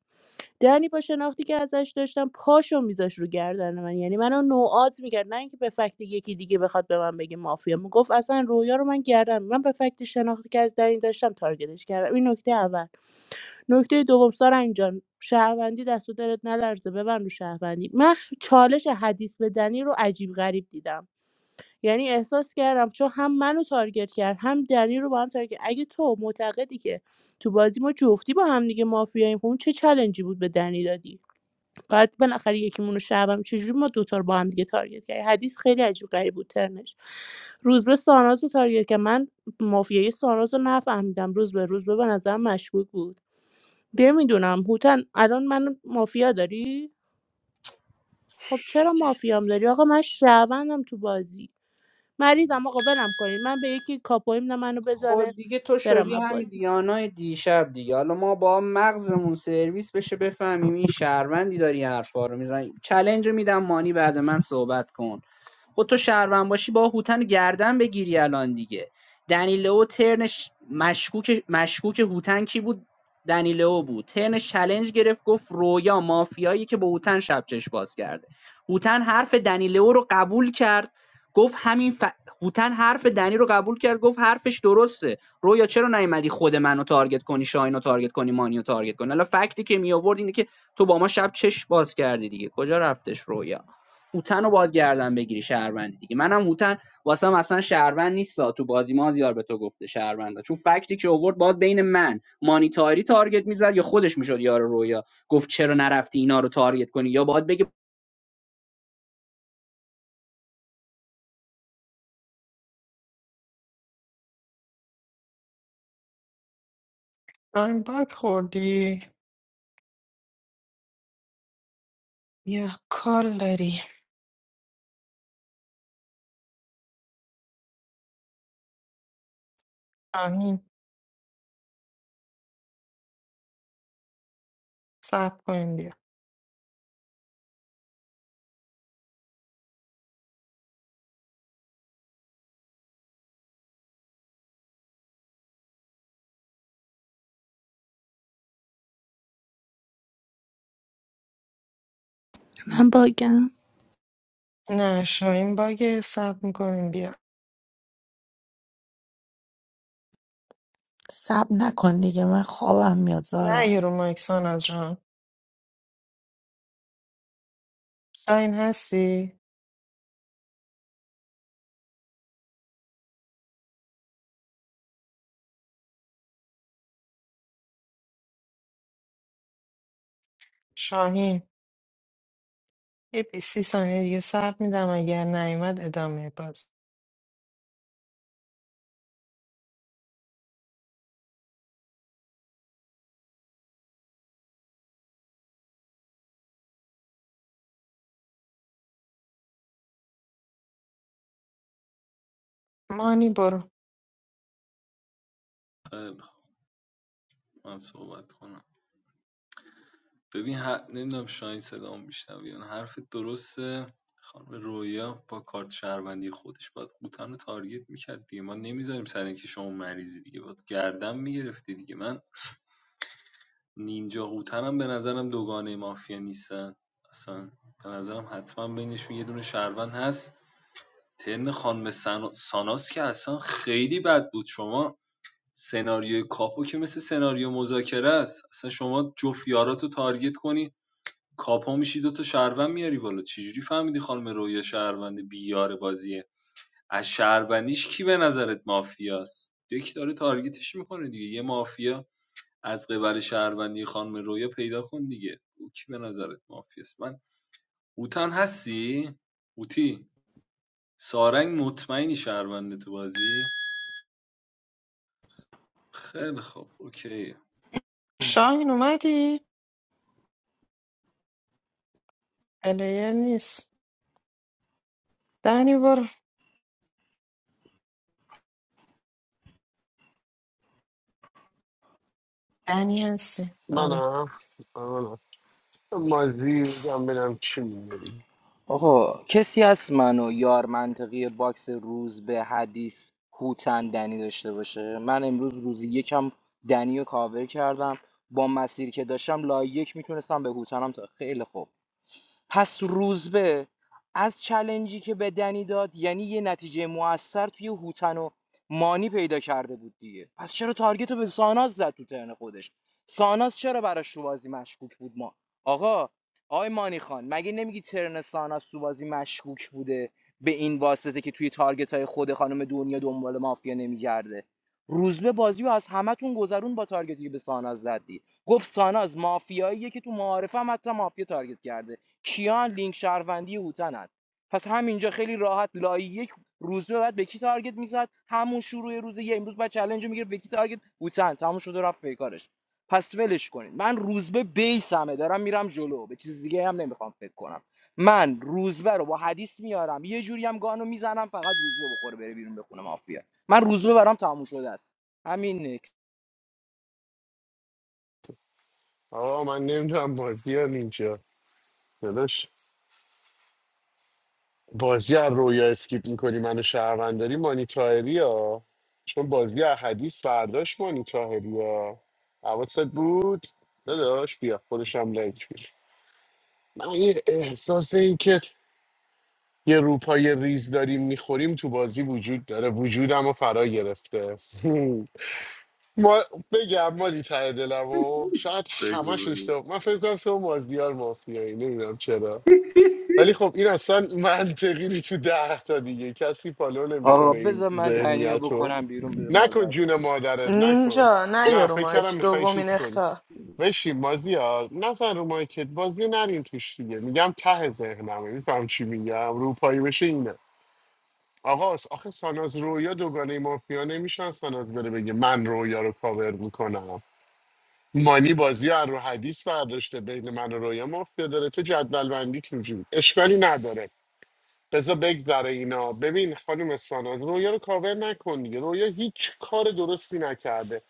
Speaker 11: دنی با شناختی که ازش داشتم پاشو میذاش رو گردن من یعنی منو نوعات میکرد نه اینکه به فکت یکی دیگه بخواد به من بگه مافیا میگفت اصلا رویا رو من گردم من به فکت شناختی که از دنی داشتم تارگتش کردم این نکته اول نکته دوم سارنگ جان شهروندی دست و دلت نلرزه ببند رو شهروندی من چالش حدیث به دنی رو عجیب غریب دیدم یعنی احساس کردم چون هم منو تارگت کرد هم دنی رو با هم تارگت اگه تو معتقدی که تو بازی ما جفتی با هم دیگه مافیاییم خب اون چه چلنجی بود به دنی دادی بعد بالاخره یکیمون رو شهروند چجوری ما دوتا رو با هم دیگه تارگت کردیم حدیث خیلی عجیب غریب بود ترنش روزبه ساناز رو تارگت که من مافیای ساناز رو نفهمیدم روزبه روزبه به نظرم مشکوک بود نمیدونم هوتن الان من مافیا داری خب چرا مافیام داری آقا من شهروندم تو بازی مریضم آقا ولم کنین من به یکی کاپویم نه منو
Speaker 4: خود
Speaker 11: بزنه
Speaker 4: دیگه تو
Speaker 11: برم
Speaker 4: شدی
Speaker 11: از
Speaker 4: همین
Speaker 11: بازی
Speaker 4: دیانای دیشب دیگه حالا ما با مغزمون سرویس بشه بفهمیم این شهروندی داری حرفا رو میزنی چلنج رو میدم مانی بعد من صحبت کن خب تو شهروند باشی با هوتن گردن بگیری الان دیگه دنیلو ترنش مشکوک مشکوک هوتن کی بود دنیلو بود ترنش چلنج گرفت گفت رویا مافیایی که با هوتن شب چش باز کرده هوتن حرف دنیلو رو قبول کرد گفت همین ف... هوتن حرف دنی رو قبول کرد گفت حرفش درسته رویا چرا نیومدی خود منو تارگت کنی شاهینو تارگت کنی مانیو تارگت کنی حالا فکتی که می آورد اینه که تو با ما شب چش باز کردی دیگه کجا رفتش رویا هوتن رو باید گردن بگیری شهروندی دیگه منم هوتن واسم اصلا شهروند نیستا تو بازی ما زیار به تو گفته شهروندا چون فکتی که اوورد باید بین من مانیتاری تارگت میزد یا خودش میشد یار رویا گفت چرا نرفتی اینا رو تارگت کنی یا باید بگه
Speaker 2: این باک خوردی یا کار داری آمین سب کنیم بیا
Speaker 11: من باگم
Speaker 2: نه شاین باگ سب میکنیم بیا
Speaker 6: سب نکن دیگه من خوابم میاد
Speaker 2: نه
Speaker 6: زارا
Speaker 2: یه رو مایک سانا جان شاین هستی شاهین یه 20 ثانیه دیگه صبر میدم اگر نیومد ادامه باز مانی برو
Speaker 13: خیلی خب من صحبت کنم ببین ه... نمیدونم شاین صدام میشنم یعنی حرف درسته خانم رویا با کارت شهروندی خودش باید قوطن رو تارگت میکرد دیگه ما نمیذاریم سر اینکه شما مریضی دیگه باید گردن میگرفتی دیگه من نینجا هوتن هم به نظرم دوگانه مافیا نیستن اصلا به نظرم حتما بینشون یه دونه شهروند هست ترن خانم سنا- ساناس که اصلا خیلی بد بود شما سناریوی کاپو که مثل سناریو مذاکره است اصلا شما جفت یاراتو تارگت کنی کاپو میشی دوتا شهروند میاری بالا چجوری فهمیدی خانم رویا شهروند بیار بازیه از شهروندیش کی به نظرت مافیاست دک داره تارگتش میکنه دیگه یه مافیا از قبل شهروندی خانم رویا پیدا کن دیگه او کی به نظرت مافیاست من هوتن هستی هوتی سارنگ مطمئنی شهرونده تو بازی خیلی خوب اوکی
Speaker 2: شاهین اومدی؟ پلیر نیست دنی برو دنی هستی آره
Speaker 1: منم منم مازی بگم ببینم چی میگی
Speaker 8: آقا کسی هست منو یار منطقی باکس روز به حدیث هوتن دنی داشته باشه من امروز روزی یکم دنی رو کاور کردم با مسیری که داشتم لایک میتونستم به هوتنم تا خیلی خوب پس روزبه از چلنجی که به دنی داد یعنی یه نتیجه موثر توی هوتن و مانی پیدا کرده بود دیگه پس چرا تارگت رو به ساناز زد تو ترن خودش ساناز چرا براش تو بازی مشکوک بود ما آقا آقای مانی خان مگه نمیگی ترن ساناز تو بازی مشکوک بوده به این واسطه که توی تارگت های خود خانم دنیا دنبال مافیا نمیگرده روزبه بازی رو از همتون گذرون با تارگتی که به ساناز زدی گفت ساناز مافیاییه که تو معارفه هم حتی مافیا تارگت کرده کیان لینک شهروندی هوتنن پس همینجا خیلی راحت لای یک روز به بعد به کی تارگت میزد همون شروع روز یه امروز بعد چالش میگیره به کی تارگت هوتن تموم شده رفت پیکارش پس ولش کنید من روزبه بیسمه دارم میرم جلو به چیز دیگه هم نمیخوام فکر کنم من روزبه رو با حدیث میارم یه جوری هم گانو میزنم فقط روزبه بخوره بره بیرون بخونه مافیا من روزبه برام تموم شده است همین نکس
Speaker 1: آقا من نمیدونم مازی هم اینجا بازی از رویا اسکیپ میکنی منو شهرونداری مانی تاهری ها چون بازی از حدیث فرداش مانی تاهری ها حواست بود داداش بیا خودشم لایک بیا من یه احساس این که یه روپای ریز داریم میخوریم تو بازی وجود داره وجودم رو فرا گرفته ما بگم مانی ته دلم شاید
Speaker 13: بگو
Speaker 1: همش
Speaker 13: بگو.
Speaker 1: اشتباه من فکر کنم تو مازدیار مافیایی نمیدونم چرا ولی خب این اصلا منطقی نی تو ده تا دیگه کسی فالو
Speaker 8: آقا
Speaker 1: نمیکنه این
Speaker 8: بذار من دنیا
Speaker 1: ذهنیت رو
Speaker 8: بکنم بیرون به
Speaker 1: نکن
Speaker 8: مربع
Speaker 1: جون مادرت نکن
Speaker 2: نینجا نه
Speaker 1: نه
Speaker 2: یارو
Speaker 1: فکر کردم
Speaker 2: مایک
Speaker 1: میخوای
Speaker 2: دومین
Speaker 1: چیز کنی
Speaker 2: اختا
Speaker 1: بشین بازی ها نزن رو مایکت بازی نریم توش دیگه میگم ته ذهنمه میفهم چی میگم رو پایی بشه اینه آقا آخه ساناز رویا دوگانه مافیا نمیشن ساناز بره بگه من رویا رو کاور میکنم مانی بازی رو از رو حدیث برداشته بین من و رویا مافیا داره تو جدول بندی اشکالی نداره بذار بگذره اینا ببین خانم ساناز رویا رو کاور نکن دیگه رویا هیچ کار درستی نکرده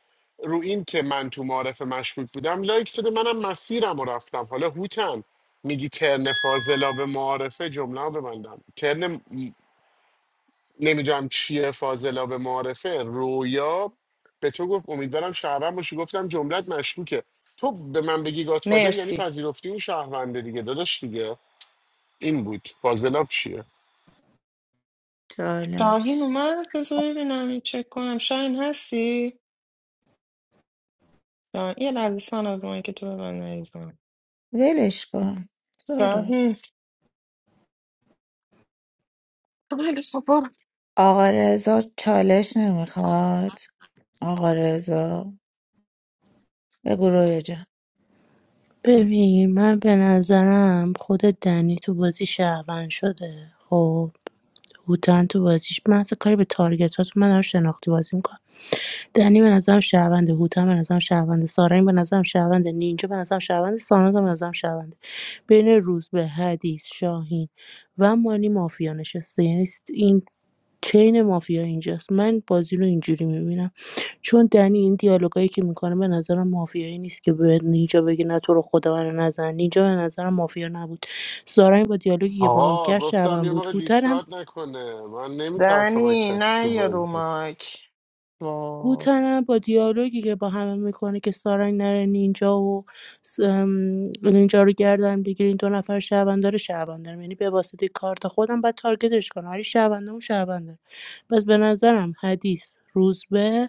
Speaker 1: رو این که من تو معارف مشکوک بودم لایک داده منم مسیرم رو رفتم حالا هوتن میگی کرن فاضلا به معارفه جمله رو ببندم کرن نمیدونم چیه فاضلا به معارفه رویا به تو گفت امیدوارم شهروند باشی گفتم جملت مشکوکه تو به من بگی گادفادر یعنی
Speaker 2: مرسی
Speaker 1: پذیرفتی اون شهرونده دیگه داداش دیگه این بود فاضلاب چیه
Speaker 2: شاهین
Speaker 6: چالش
Speaker 2: اومد بذار ببینم این چک کنم شاهین هستی؟ شاهین یه لرزستان از اونایی که تو به من نریزم
Speaker 6: ولش کن زارا
Speaker 2: شاهین بله خب برو
Speaker 6: آقا رضا چالش نمیخواد آقا رضا بگو رویا جان
Speaker 11: ببین من به نظرم خود دنی تو بازی شهروند شده خب هوتن تو بازیش من اصلا کاری به تارگتات من دارم شناختی بازی می‌کنم. دنی به نظرم شهرونده هوتن به نظرم شهرونده سارنگ به نظرم شهرونده نینجا به نظرم شهرونده ساناز هم به نظرم شهرونده بین روزبه حدیث شاهین و مانی مافیا نشسته یعنی این چین مافیا اینجاست من بازی رو اینجوری میبینم چون دنی این دیالوگایی که میکنه به نظرم مافیایی نیست که به نینجا بگه نه تو رو خدا منو نزن نینجا به نظرم مافیا نبود سارنگ با دیالوگی که باهام
Speaker 1: آقا
Speaker 11: کرد
Speaker 1: گفتم
Speaker 11: شهروند
Speaker 1: یه
Speaker 11: بود
Speaker 1: موقع
Speaker 11: هوتن هم
Speaker 1: دیسکارد نکنه من نمیترسم از
Speaker 2: دنی
Speaker 1: کسی
Speaker 2: نه
Speaker 1: تو
Speaker 2: یه رو
Speaker 1: بازی
Speaker 2: مایک وای
Speaker 11: گوتنم با دیالوگی که با همه میکنه که سارنگ نره نینجا و س- ام، نینجا رو گردن بگیرین این دو نفر شهروندار شهروندار یعنی به واسطه کارت خودم باید تارگتش کنم ولی شهرونده اون شهرونده پس به نظرم حدیث روزبه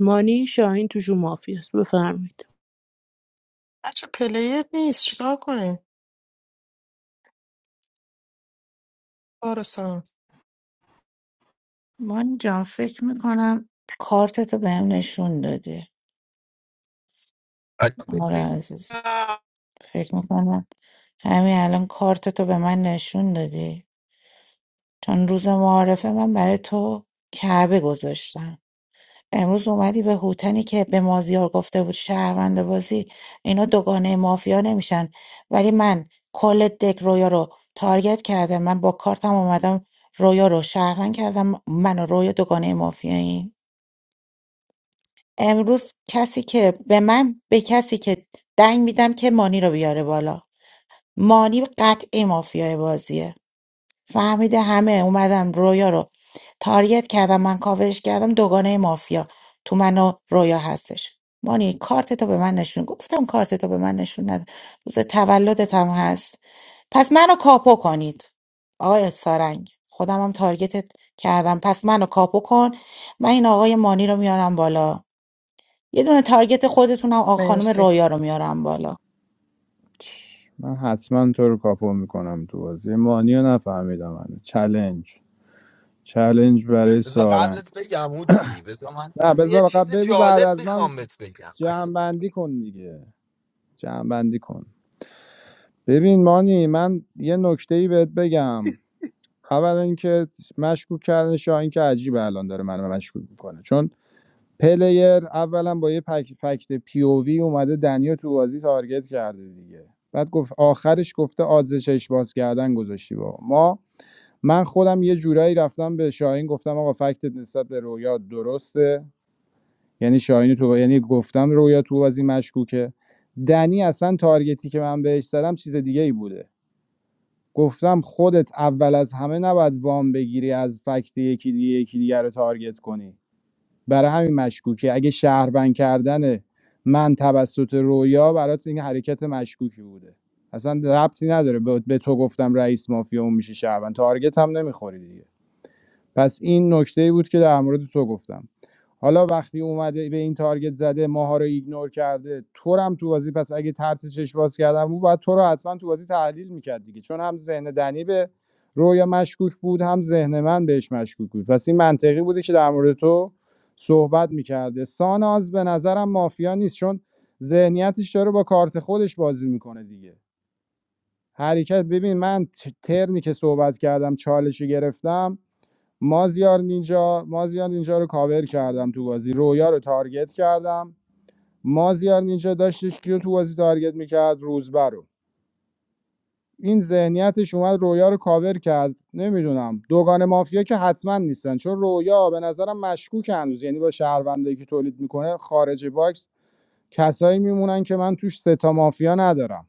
Speaker 11: مانی شاهین توشون مافی است بفرمایید
Speaker 2: بچه پلیر نیست چیکار کنیم برو سام.
Speaker 6: من جان فکر میکنم کارتتو بهم نشون دادی آقا عزیز فکر میکنم همین الان کارتتو به من نشون دادی چون روز معارفه من برای تو کعبه گذاشتم امروز اومدی به هوتنی که به مازیار گفته بود شهروند بازی اینا دوگانه مافیا نمیشن ولی من کل دک رویا رو تارگت کردم من با کارتم اومدم رویا رو شهروند کردم من و رویا دوگانه مافیاییم امروز کسی که به من به کسی که دنگ میدم که مانی رو بیاره بالا مانی قطعی مافیای بازیه فهمیده همه اومدن رویا رو تاریت کردم من کاورش کردم دوگانه مافیا تو من و رویا هستش مانی کارت تو به من نشون گفتم کارت تو به من نشون نده روز تولدت هم هست پس منو کاپو کنید آقای سارنگ خودم هم تارگتت کردم پس منو کاپو کن من این آقای مانی رو میارم بالا یه دونه تارگت خودتونم آقا خانم
Speaker 2: مرسی
Speaker 6: رویا رو میارم بالا
Speaker 7: من حتما تو رو کاپو میکنم تو بازی مانی رو نفهمیدم هنوز. چلنج چلنج برای
Speaker 10: بذار
Speaker 7: سارنگ
Speaker 10: قبلت بگم هوتی بذار من
Speaker 7: نه
Speaker 10: یه
Speaker 7: بذار
Speaker 10: چیز
Speaker 7: فقط بگو بعد
Speaker 10: جالب
Speaker 7: از من
Speaker 10: میخوام بهت بگم
Speaker 7: جمعبندی کن دیگه جمعبندی کن ببین مانی من یه نکته ای بهت بگم اولا اینکه مشکوک کردن شاهین که عجیبه الان داره منو مشکوک میکنه چون پلیر اولا با یه پک فکت پی او وی اومده دنیا تو بازی تارگت کرده دیگه بعد گفت آخرش گفته آدز چشم باز کردن گذاشتی با ما من خودم یه جورایی رفتم به شاهین گفتم آقا فکتت نسبت به رویا درسته یعنی شاهین تو یعنی گفتم رویا تو بازی مشکوکه دنی اصلا تارگتی که من بهش زدم چیز دیگه ای بوده گفتم خودت اول از همه نباید وام بگیری از فکت یکی دیگه یکی دیگه رو تارگت کنی برای همین مشکوکه اگه شهروند کردن من توسط رویا برات این حرکت مشکوکی بوده اصلا ربطی نداره به به تو گفتم رئیس مافیا اون میشه شهروند تارگت هم نمیخوری دیگه پس این نکته ای بود که در مورد تو گفتم حالا وقتی اومده به این تارگت زده ماها رو ایگنور کرده تو رو هم تو بازی پس اگه ترس چش باز کردم بود باید تو رو حتما تو بازی تحلیل میکرد دیگه چون هم ذهن دنی به رویا مشکوک بود هم ذهن من بهش مشکوک بود پس این منطقی بوده که در مورد تو صحبت میکرده ساناز به نظرم مافیا نیست چون ذهنیتش داره با کارت خودش بازی میکنه دیگه حرکت ببین من ت- ترنی که صحبت کردم چالش گرفتم مازیار نینجا مازیار نینجا رو کاور کردم تو بازی رویا رو تارگت کردم مازیار نینجا داشتش کیو تو بازی تارگت میکرد روزبه رو این ذهنیتش اومد رویا رو کاور کرد نمیدونم دوگان مافیا که حتما نیستن چون رویا به نظرم مشکوک هنوز یعنی با شهروندی که تولید میکنه خارج باکس کسایی میمونن که من توش ستا مافیا ندارم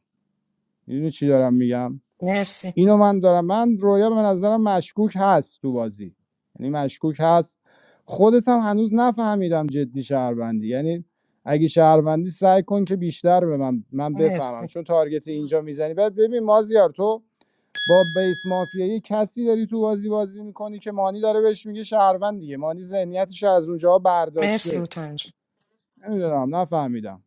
Speaker 7: میدونی چی دارم میگم
Speaker 2: مرسی
Speaker 7: اینو من دارم من رویا به نظرم مشکوک هست تو بازی یعنی مشکوک هست خودت هم هنوز نفهمیدم جدی شهروندی یعنی اگه شهروندی سعی کن که بیشتر به من من
Speaker 2: مرسی
Speaker 7: بفهمم چون تارگت اینجا میزنی بعد ببین مازیار تو با بیس مافیایی کسی داری تو بازی بازی میکنی که مانی داره بهش میگه شهروند دیگه مانی ذهنیتش رو از اونجا
Speaker 2: مرسی
Speaker 7: برداشته
Speaker 2: اوتن جون
Speaker 7: نمیدونم نفهمیدم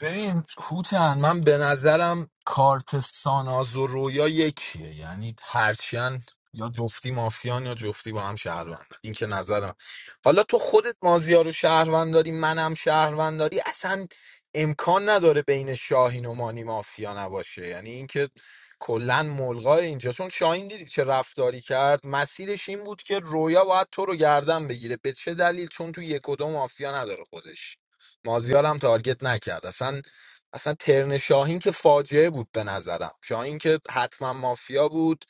Speaker 10: ببین هوتن من به نظرم کارت ساناز و رویا یکیه یعنی هرچند یا جفتی مافیان یا جفتی با هم شهروند این که نظرم حالا تو خودت مازیار رو شهروند داری منم شهروند داری اصلا امکان نداره بین شاهین و مانی مافیا نباشه یعنی اینکه کلا ملغا اینجا چون شاهین دیدی چه رفتاری کرد مسیرش این بود که رویا باید تو رو گردن بگیره به چه دلیل چون تو یک و دو مافیا نداره خودش مازیارم تارگت نکرد اصلا اصلا ترن شاهین که فاجعه بود به نظرم شاهین که حتما مافیا بود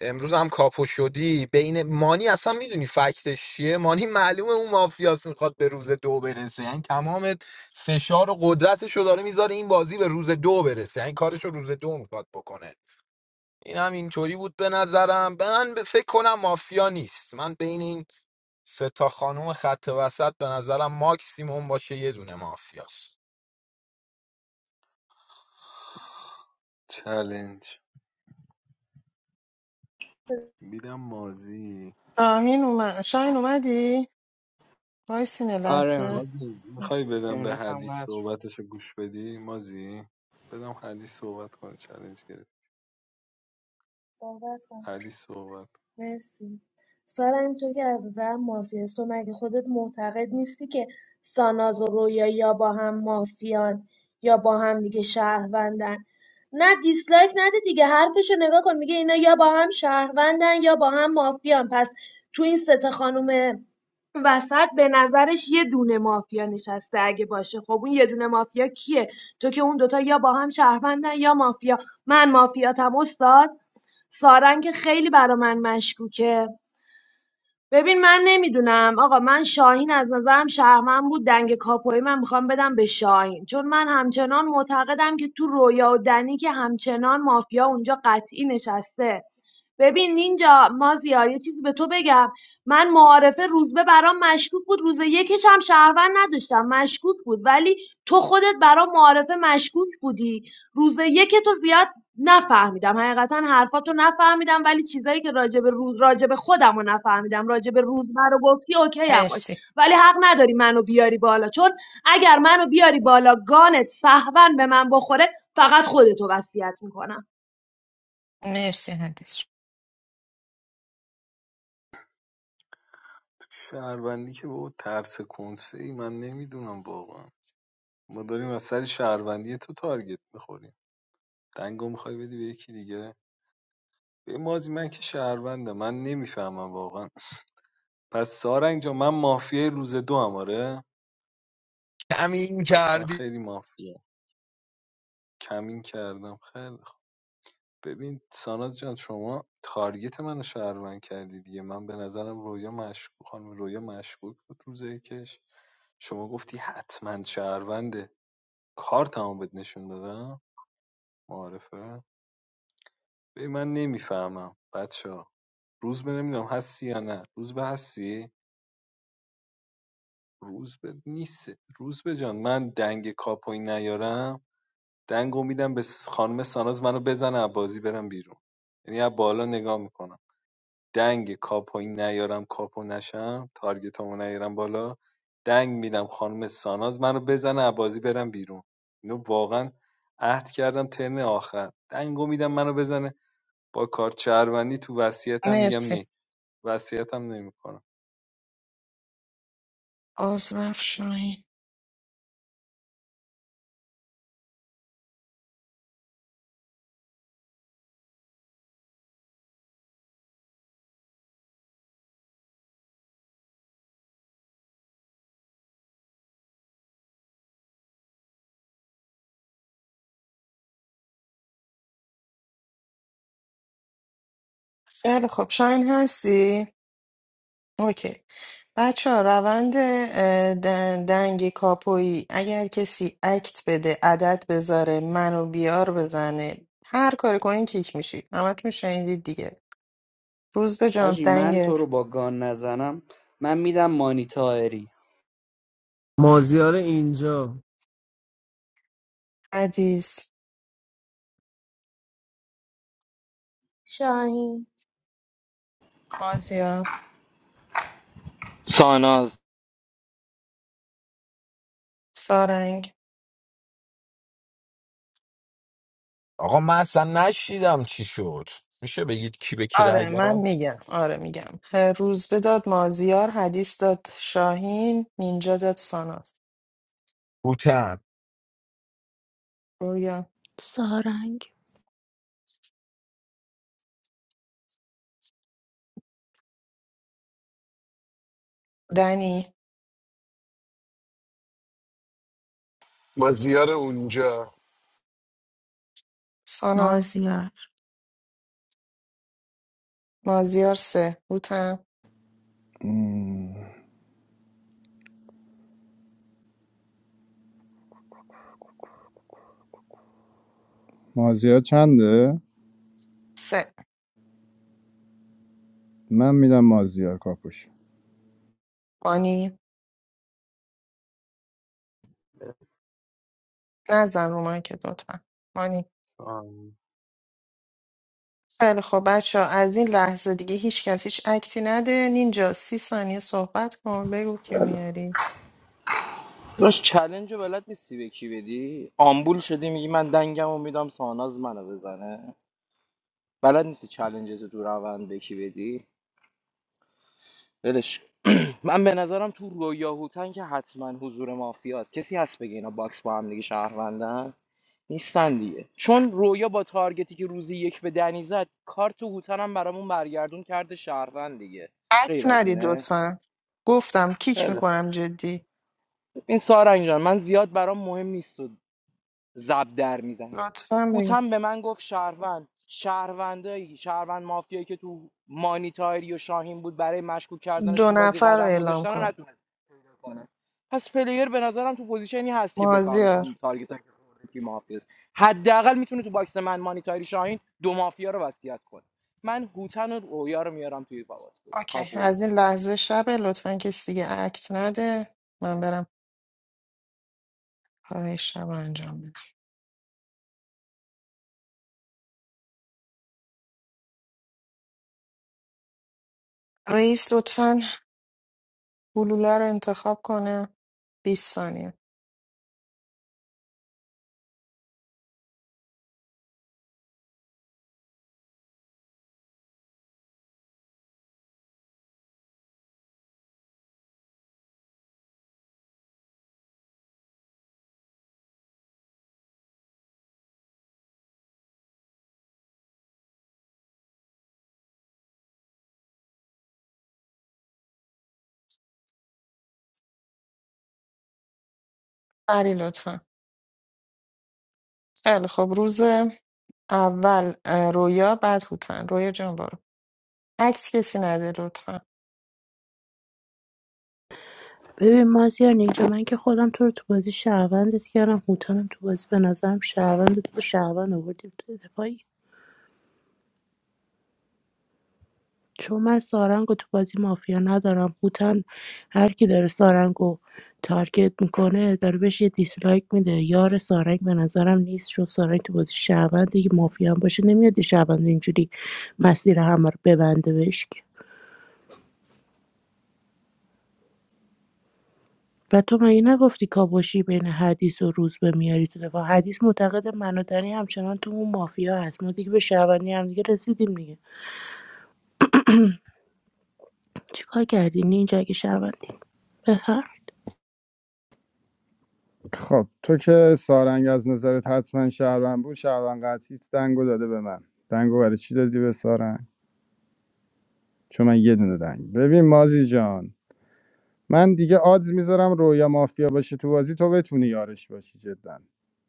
Speaker 10: امروز هم کاپو شدی بین مانی اصلا میدونی فکتش چیه مانی معلومه اون مافیاس میخواد به روز دو برسه یعنی تمام فشار و قدرتش رو داره میذاره این بازی به روز دو برسه یعنی کارش رو روز دو میخواد بکنه این هم اینطوری بود به نظرم من به فکر کنم مافیا نیست من بین این سه تا خانم خط وسط به نظرم ماکسیموم باشه یه دونه مافیاست
Speaker 13: میدم مازی
Speaker 2: شاهین اومد شاهین اومدی؟ وایسین یه
Speaker 4: آره
Speaker 2: لحظه
Speaker 13: مازی میخوای بدم به
Speaker 4: اینترنت
Speaker 13: حدیث
Speaker 4: هم قطع
Speaker 13: صحبتشو گوش بدی مازی بدم حدیث صحبت کنه چلنج گرفت
Speaker 9: صحبت کن.
Speaker 13: حدیث صحبت
Speaker 9: مرسی سارنگ تو که از نظر است تو مگه خودت معتقد نیستی که ساناز و رویا یا با هم مافیان یا با هم دیگه شهروندن نه دیسلایک نده دیگه حرفشو نگاه کن میگه اینا یا با هم شهروندن یا با هم مافیان پس تو این سه تا خانم وسط به نظرش یه دونه مافیا نشسته اگه باشه خب اون یه دونه مافیا کیه تو که اون دوتا یا با هم شهروندن یا مافیا من مافیاتم استاد سارنگ خیلی برا من مشکوکه ببین من نمیدونم آقا من شاهین از نظرم شهرمن بود دنگ کاپوی من میخوام بدم به شاهین چون من همچنان معتقدم که تو رویا و دنی که همچنان مافیا اونجا قطعی نشسته ببین نینجا مازیار یه چیزی به تو بگم من معارفه روزبه برام مشکوک بود روز یکش هم شهروند نداشتم مشکوک بود ولی تو خودت برام معارفه مشکوک بودی روز یک تو زیاد نفهمیدم حقیقتا حرفاتو نفهمیدم ولی چیزایی که راجب روز راجب خودم رو نفهمیدم راجب روزمر رو گفتی اوکی هم باش
Speaker 2: مرسی
Speaker 9: ولی حق نداری منو بیاری بالا چون اگر منو بیاری بالا گانت سهون به من بخوره فقط خودتو وصیت میکنم
Speaker 2: مرسی حدیث جون.
Speaker 13: تو شهروندی که بابا ترس کنسه ای من نمیدونم واقعا ما داریم از سر شهروندی تو تارگت میخوریم دنگو میخوای بدی به یکی دیگه به مازی من که شهرونده من نمیفهمم واقعا پس سارنگ جان من مافیای روز دو هم آره
Speaker 10: کمین
Speaker 13: پس من
Speaker 10: کردی
Speaker 13: خیلی مافیا کمین کردم خیلی خوب ببین ساناز جان شما تارگت منو شهروند کردی دیگه من به نظرم رویا مشکوک خانم رویا مشکوک بود روزه کش شما گفتی حتما شهرونده کار تمام بهت نشون دادم معارفه ببین من نمیفهمم بچه ها. روزبه نمیدونم هستی یا نه روز روزبه هستی روز به نیست روز به جان من دنگ کاپوی نیارم دنگو میدم به خانم ساناز منو بزنه از بازی برم بیرون یعنی از بالا نگاه میکنم دنگ کاپوی نیارم کاپو نشم تارگتمو نیارم بالا دنگ میدم خانم ساناز منو بزنه از بازی برم بیرون اینو واقعا عهد کردم ترن آخر دنگو میدم منو بزنه با کارت شهروندی تو وصیتم میگم
Speaker 2: مرسی
Speaker 13: نه وصیتم نمیکنم
Speaker 2: آزرف شاهین خیلی خب شاهین هستی؟ اوکی بچه ها روند اه، دن- دنگ کاپویی اگر کسی اکت بده عدد بذاره منو بیار بزنه هر کاری کنین کیک میشید همتون شنیدید دیگه روز به جان
Speaker 4: حاجی من تو رو
Speaker 2: دنگت
Speaker 4: با گان نزنم من میدم مانیتاری
Speaker 3: مازیار اینجا
Speaker 2: حدیث
Speaker 9: شاهین
Speaker 2: مازیار
Speaker 8: ساناز
Speaker 2: سارنگ
Speaker 10: آقا من اصلا نشیدم چی شد میشه بگید کی به کی رای
Speaker 2: آره من
Speaker 10: داد
Speaker 2: میگم آره میگم روز به داد مازیار حدیث داد شاهین نینجا داد ساناز
Speaker 10: بوتن
Speaker 2: رویا
Speaker 11: سارنگ
Speaker 2: دنی
Speaker 1: ما زیار اونجا
Speaker 2: ساناز
Speaker 6: مازیار
Speaker 2: مازیار سه هوتم
Speaker 7: مازیار چنده
Speaker 2: سه
Speaker 7: من میدم مازیار کاپوش
Speaker 2: بانی نزن رو مایکت لطفا مانی خیلی خب بچه از این لحظه دیگه هیچ کس هیچ اکتی نده نینجا سی ثانیه صحبت کن بگو کیو میاری
Speaker 8: داشت چلنج رو بلد نیستی به کی بدی آمبول شدی میگی من دنگم و میدم ساناز منو بزنه بلد نیستی چلنج تو تو روند به کی بدی ولش کن. من به نظرم تو رویا هوتن که حتما حضور مافیاست کسی هست بگه اینا باکس با هم دیگه شهروندن نیستن دیگه چون رویا با تارگتی که روزی یک به دنی زد کارت تو هوتن هم برامون برگردون کرده شهروند دیگه
Speaker 2: عکس
Speaker 8: غیر از
Speaker 2: ندید
Speaker 8: اینه
Speaker 2: لطفا گفتم کیک
Speaker 8: خیلی
Speaker 2: میکنم جدی
Speaker 8: خوب. این سارنگ جان من زیاد برام مهم نیست و زب در میزنه
Speaker 2: لطفا بگو
Speaker 8: هوتم به من گفت شهروند شهروندایی شهروند مافیایی که تو مانیتاری و شاهین بود برای مشکوک کردنش
Speaker 2: دو
Speaker 8: تو بازی
Speaker 2: نفر رو
Speaker 8: قدم
Speaker 2: اعلام
Speaker 8: گذاشتن رو
Speaker 2: کن
Speaker 8: نتونست پیدا کنه پس پلیر به نظرم تو پوزیشنی هست که بفهمه تو
Speaker 2: مازیار
Speaker 8: تارگت که کی مافیاست حداقل میتونه تو باکس من مانیتاری شاهین دو مافیا رو وصیت کنه من هوتن و رویا رو میارم توی باواس
Speaker 2: اوکی
Speaker 8: کاپوی
Speaker 2: از این لحظه شبه لطفا کسی دیگه اکت نده من برم کارهای شب رو انجام بدم رئیس لطفا گلوله رو انتخاب کنه 20 ثانیه علی لطفا خیلی خب روز اول اه، رویا بعد هوتن رویا جان برو عکس کسی نده لطفا
Speaker 11: ببین مازیار نینجا من که خودم تو رو تو بازی شهروندت کردم هوتنم تو بازی به نظرم شهروند تو با شهروند آوردیم تو دفاعی چون من سارنگو تو بازی مافیا ندارم هوتن هر کی داره سارنگو تارگت میکنه داره بهش یه دیسلایک میده یار سارنگ به نظرم نیست چون سارنگ تو بازی شهروند دیگه مافیا هم باشه نمیاد یه شهروند اینجوری مسیر همه رو ببنده بهش که. و تو مگه نگفتی کابوشی بین حدیث و روز به میاری تو دفاع حدیث معتقد من و دنی همچنان تو اون مافیا هست ما دیگه به شهروندی هم دیگه رسیدیم دیگه چیکار کردی اینجا اگه شهروندی بفرم
Speaker 7: خب تو که سارنگ از نظرت حتما شهروند بود شهروند قطعی دنگو داده به من دنگو برای چی دادی به سارنگ چون من یه دونه دنگ ببین مازی جان من دیگه آدز میذارم رویا مافیا باشه تو بازی تو بتونی یارش باشی جدا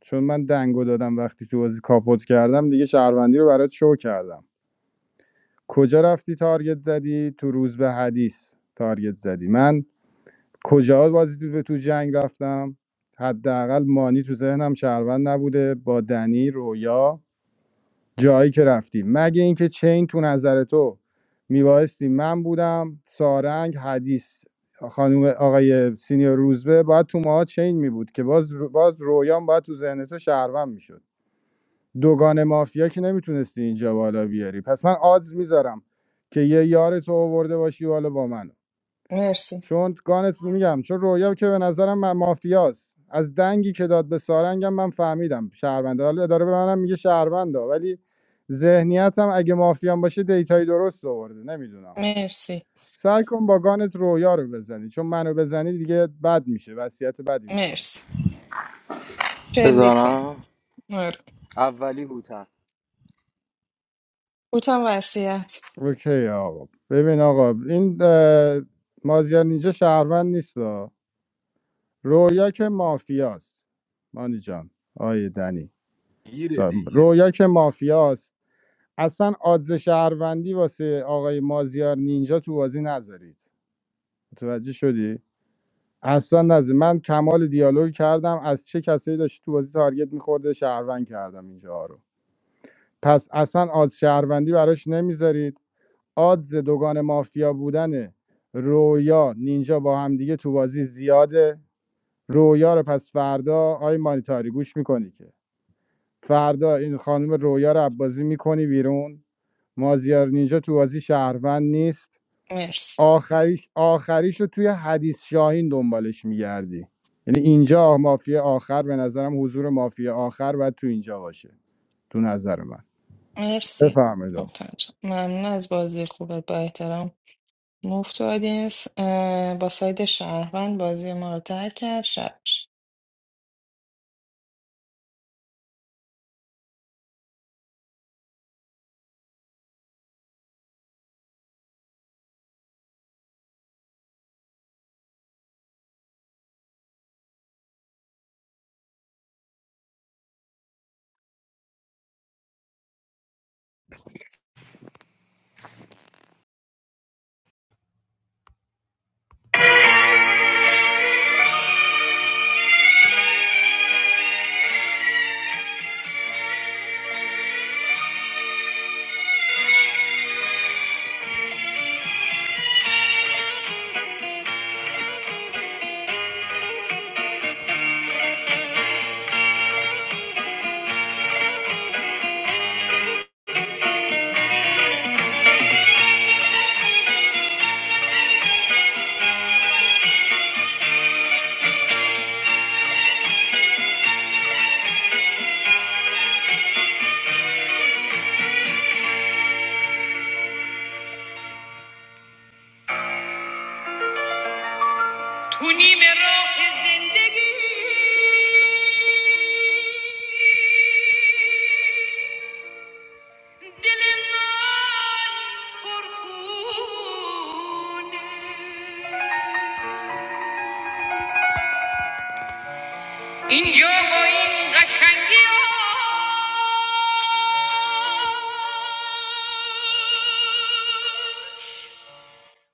Speaker 7: چون من دنگو دادم وقتی تو بازی کاپوت کردم دیگه شهروندی رو برات شو کردم کجا رفتی تارگت زدی تو روز به حدیث تارگت زدی من کجا بازی تو جنگ رفتم حداقل مانی تو ذهنم شهروند نبوده با دنی رویا جایی که رفتی مگه اینکه چین تو نظر تو میبایستی من بودم سارنگ حدیث خانم آقای سینیور روزبه باید تو ماها چین میبود که باز باز رویان باید تو ذهن تو شهروند میشد دوگان مافیا که نمیتونستی اینجا بالا بیاری پس من آدز میذارم که یه یار تو آورده باشی بالا با من
Speaker 2: مرسی
Speaker 7: چون گانت میگم چون رویا که به نظرم من مافیاست از دنگی که داد به سارنگم من فهمیدم شهرونده حالا اداره به منم میگه شهرونده ولی ذهنیتم اگه مافیان باشه دیتای درست آورده نمیدونم
Speaker 2: مرسی
Speaker 7: سعی کن با گانت رویا رو بزنی چون منو بزنی دیگه بد میشه وصیت بدی میکنم
Speaker 2: مرسی شلی کن
Speaker 8: بزنم
Speaker 2: آره.
Speaker 8: اولی هوتن
Speaker 2: هوتن وسیعت
Speaker 7: اوکی آقا ببین آقا این اه، مازیار اینجا شهروند نیست آه. رویا که مافیاست مانی جان آیه دنی
Speaker 13: گیره
Speaker 7: سا-
Speaker 13: دیگه
Speaker 7: رویا که مافیاست اصلا آدز شهروندی واسه آقای مازیار نینجا تو بازی نذارید متوجه شدی اصلا نذارید من کمال دیالوگ کردم از چه کسایی داشت تو بازی تارگت میخورده شهروند کردم اینجا رو پس اصلا آدز شهروندی براش نمیذارید آدز دوگان مافیا بودن رویا نینجا با هم دیگه تو بازی زیاده رویا رو پس فردا آی مانیتاری گوش میکنی که فردا این خانم رویا رو عبازی میکنی بیرون مازیار نینجا تو بازی شهروند نیست
Speaker 2: مرسی
Speaker 7: آخریش آخریش رو توی حدیث شاهین دنبالش میگردی یعنی اینجا مافیا آخر به نظرم حضور مافیا آخر باید تو اینجا باشه تو نظر من
Speaker 2: مرسی
Speaker 7: بفهمید آقا.
Speaker 2: هوتن جان ممنون از بازی خوبت با احترام مفت آدینس اه، با ساید شهروند بازی ما رو ترک کرد شب تو نیم راه زندگی دل من پرخونه اینجا با این قشنگی هاش،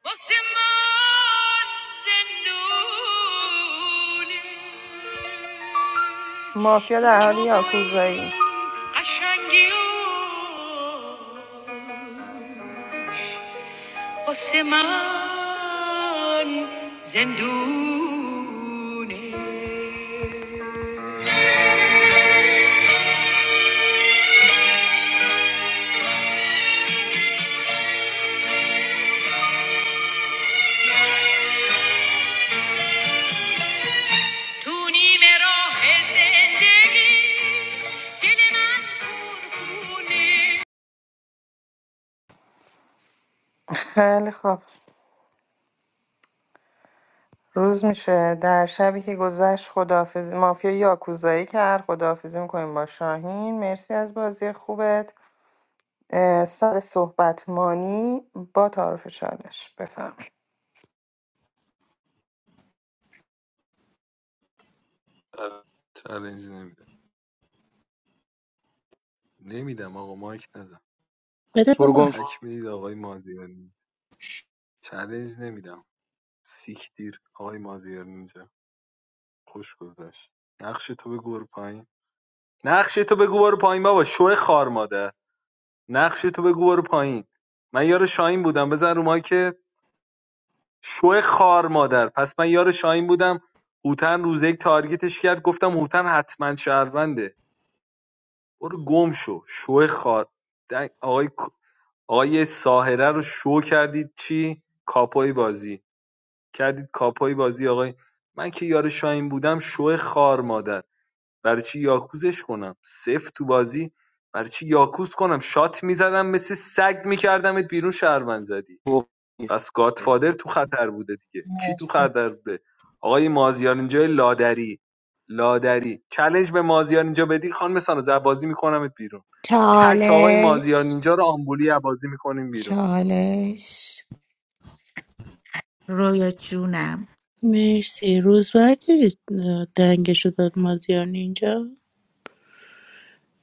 Speaker 2: آسمان زندونه مافیا در حال یاکوزایی خیلی خوب روز میشه در شبی که گذشت خداحافظ مافیا یاکوزایی کرد خداحافظی میکنیم با شاهین مرسی از بازی خوبت اه، سر صحبت مانی با تعارف چالش بفرمایید
Speaker 13: چالنج نمیدم نمیدم آقا مایک نزن
Speaker 11: بده
Speaker 8: برو گم
Speaker 11: بابا
Speaker 13: تک میدید آقای مازیار نینجا
Speaker 8: شو.
Speaker 13: چالنج نمیدم سیکتیر آقای مازیار نینجا خوش گذشت نقش تو بگو برو پایین نقش تو بگو برو پایین بابا شو خار مادر نقش تو بگو برو پایین من یار شاهین بودم بزن رو مایک شو خار مادر پس من یار شاهین بودم هوتن روز یک تارگتش کرد گفتم هوتن حتما شهرونده برو گم شو شو خار آقای آقای ساهره رو شو کردید چی کاپوی بازی کردید کاپوی بازی آقای من که یار شاهین بودم شو خار مادر برای چی یاکوزش کنم صفر تو بازی برای چی یاکوز کنم شات میزدم مثل سگ میکردمت بیرون شهروند زدی پس گادفادر تو خطر بوده دیگه کی تو خطر بوده آقای مازیار اینجا لادری لادری چالش به مازیار اینجا بدی خانم سانوز بازی میکنمت بیرون تک آقای مازیار
Speaker 6: چالش
Speaker 13: اینجا رو آمبولی بازی میکنیم بیرون
Speaker 6: چالش رویا جونم
Speaker 11: مرسی روزبردی دنگشو داد مازیار اینجا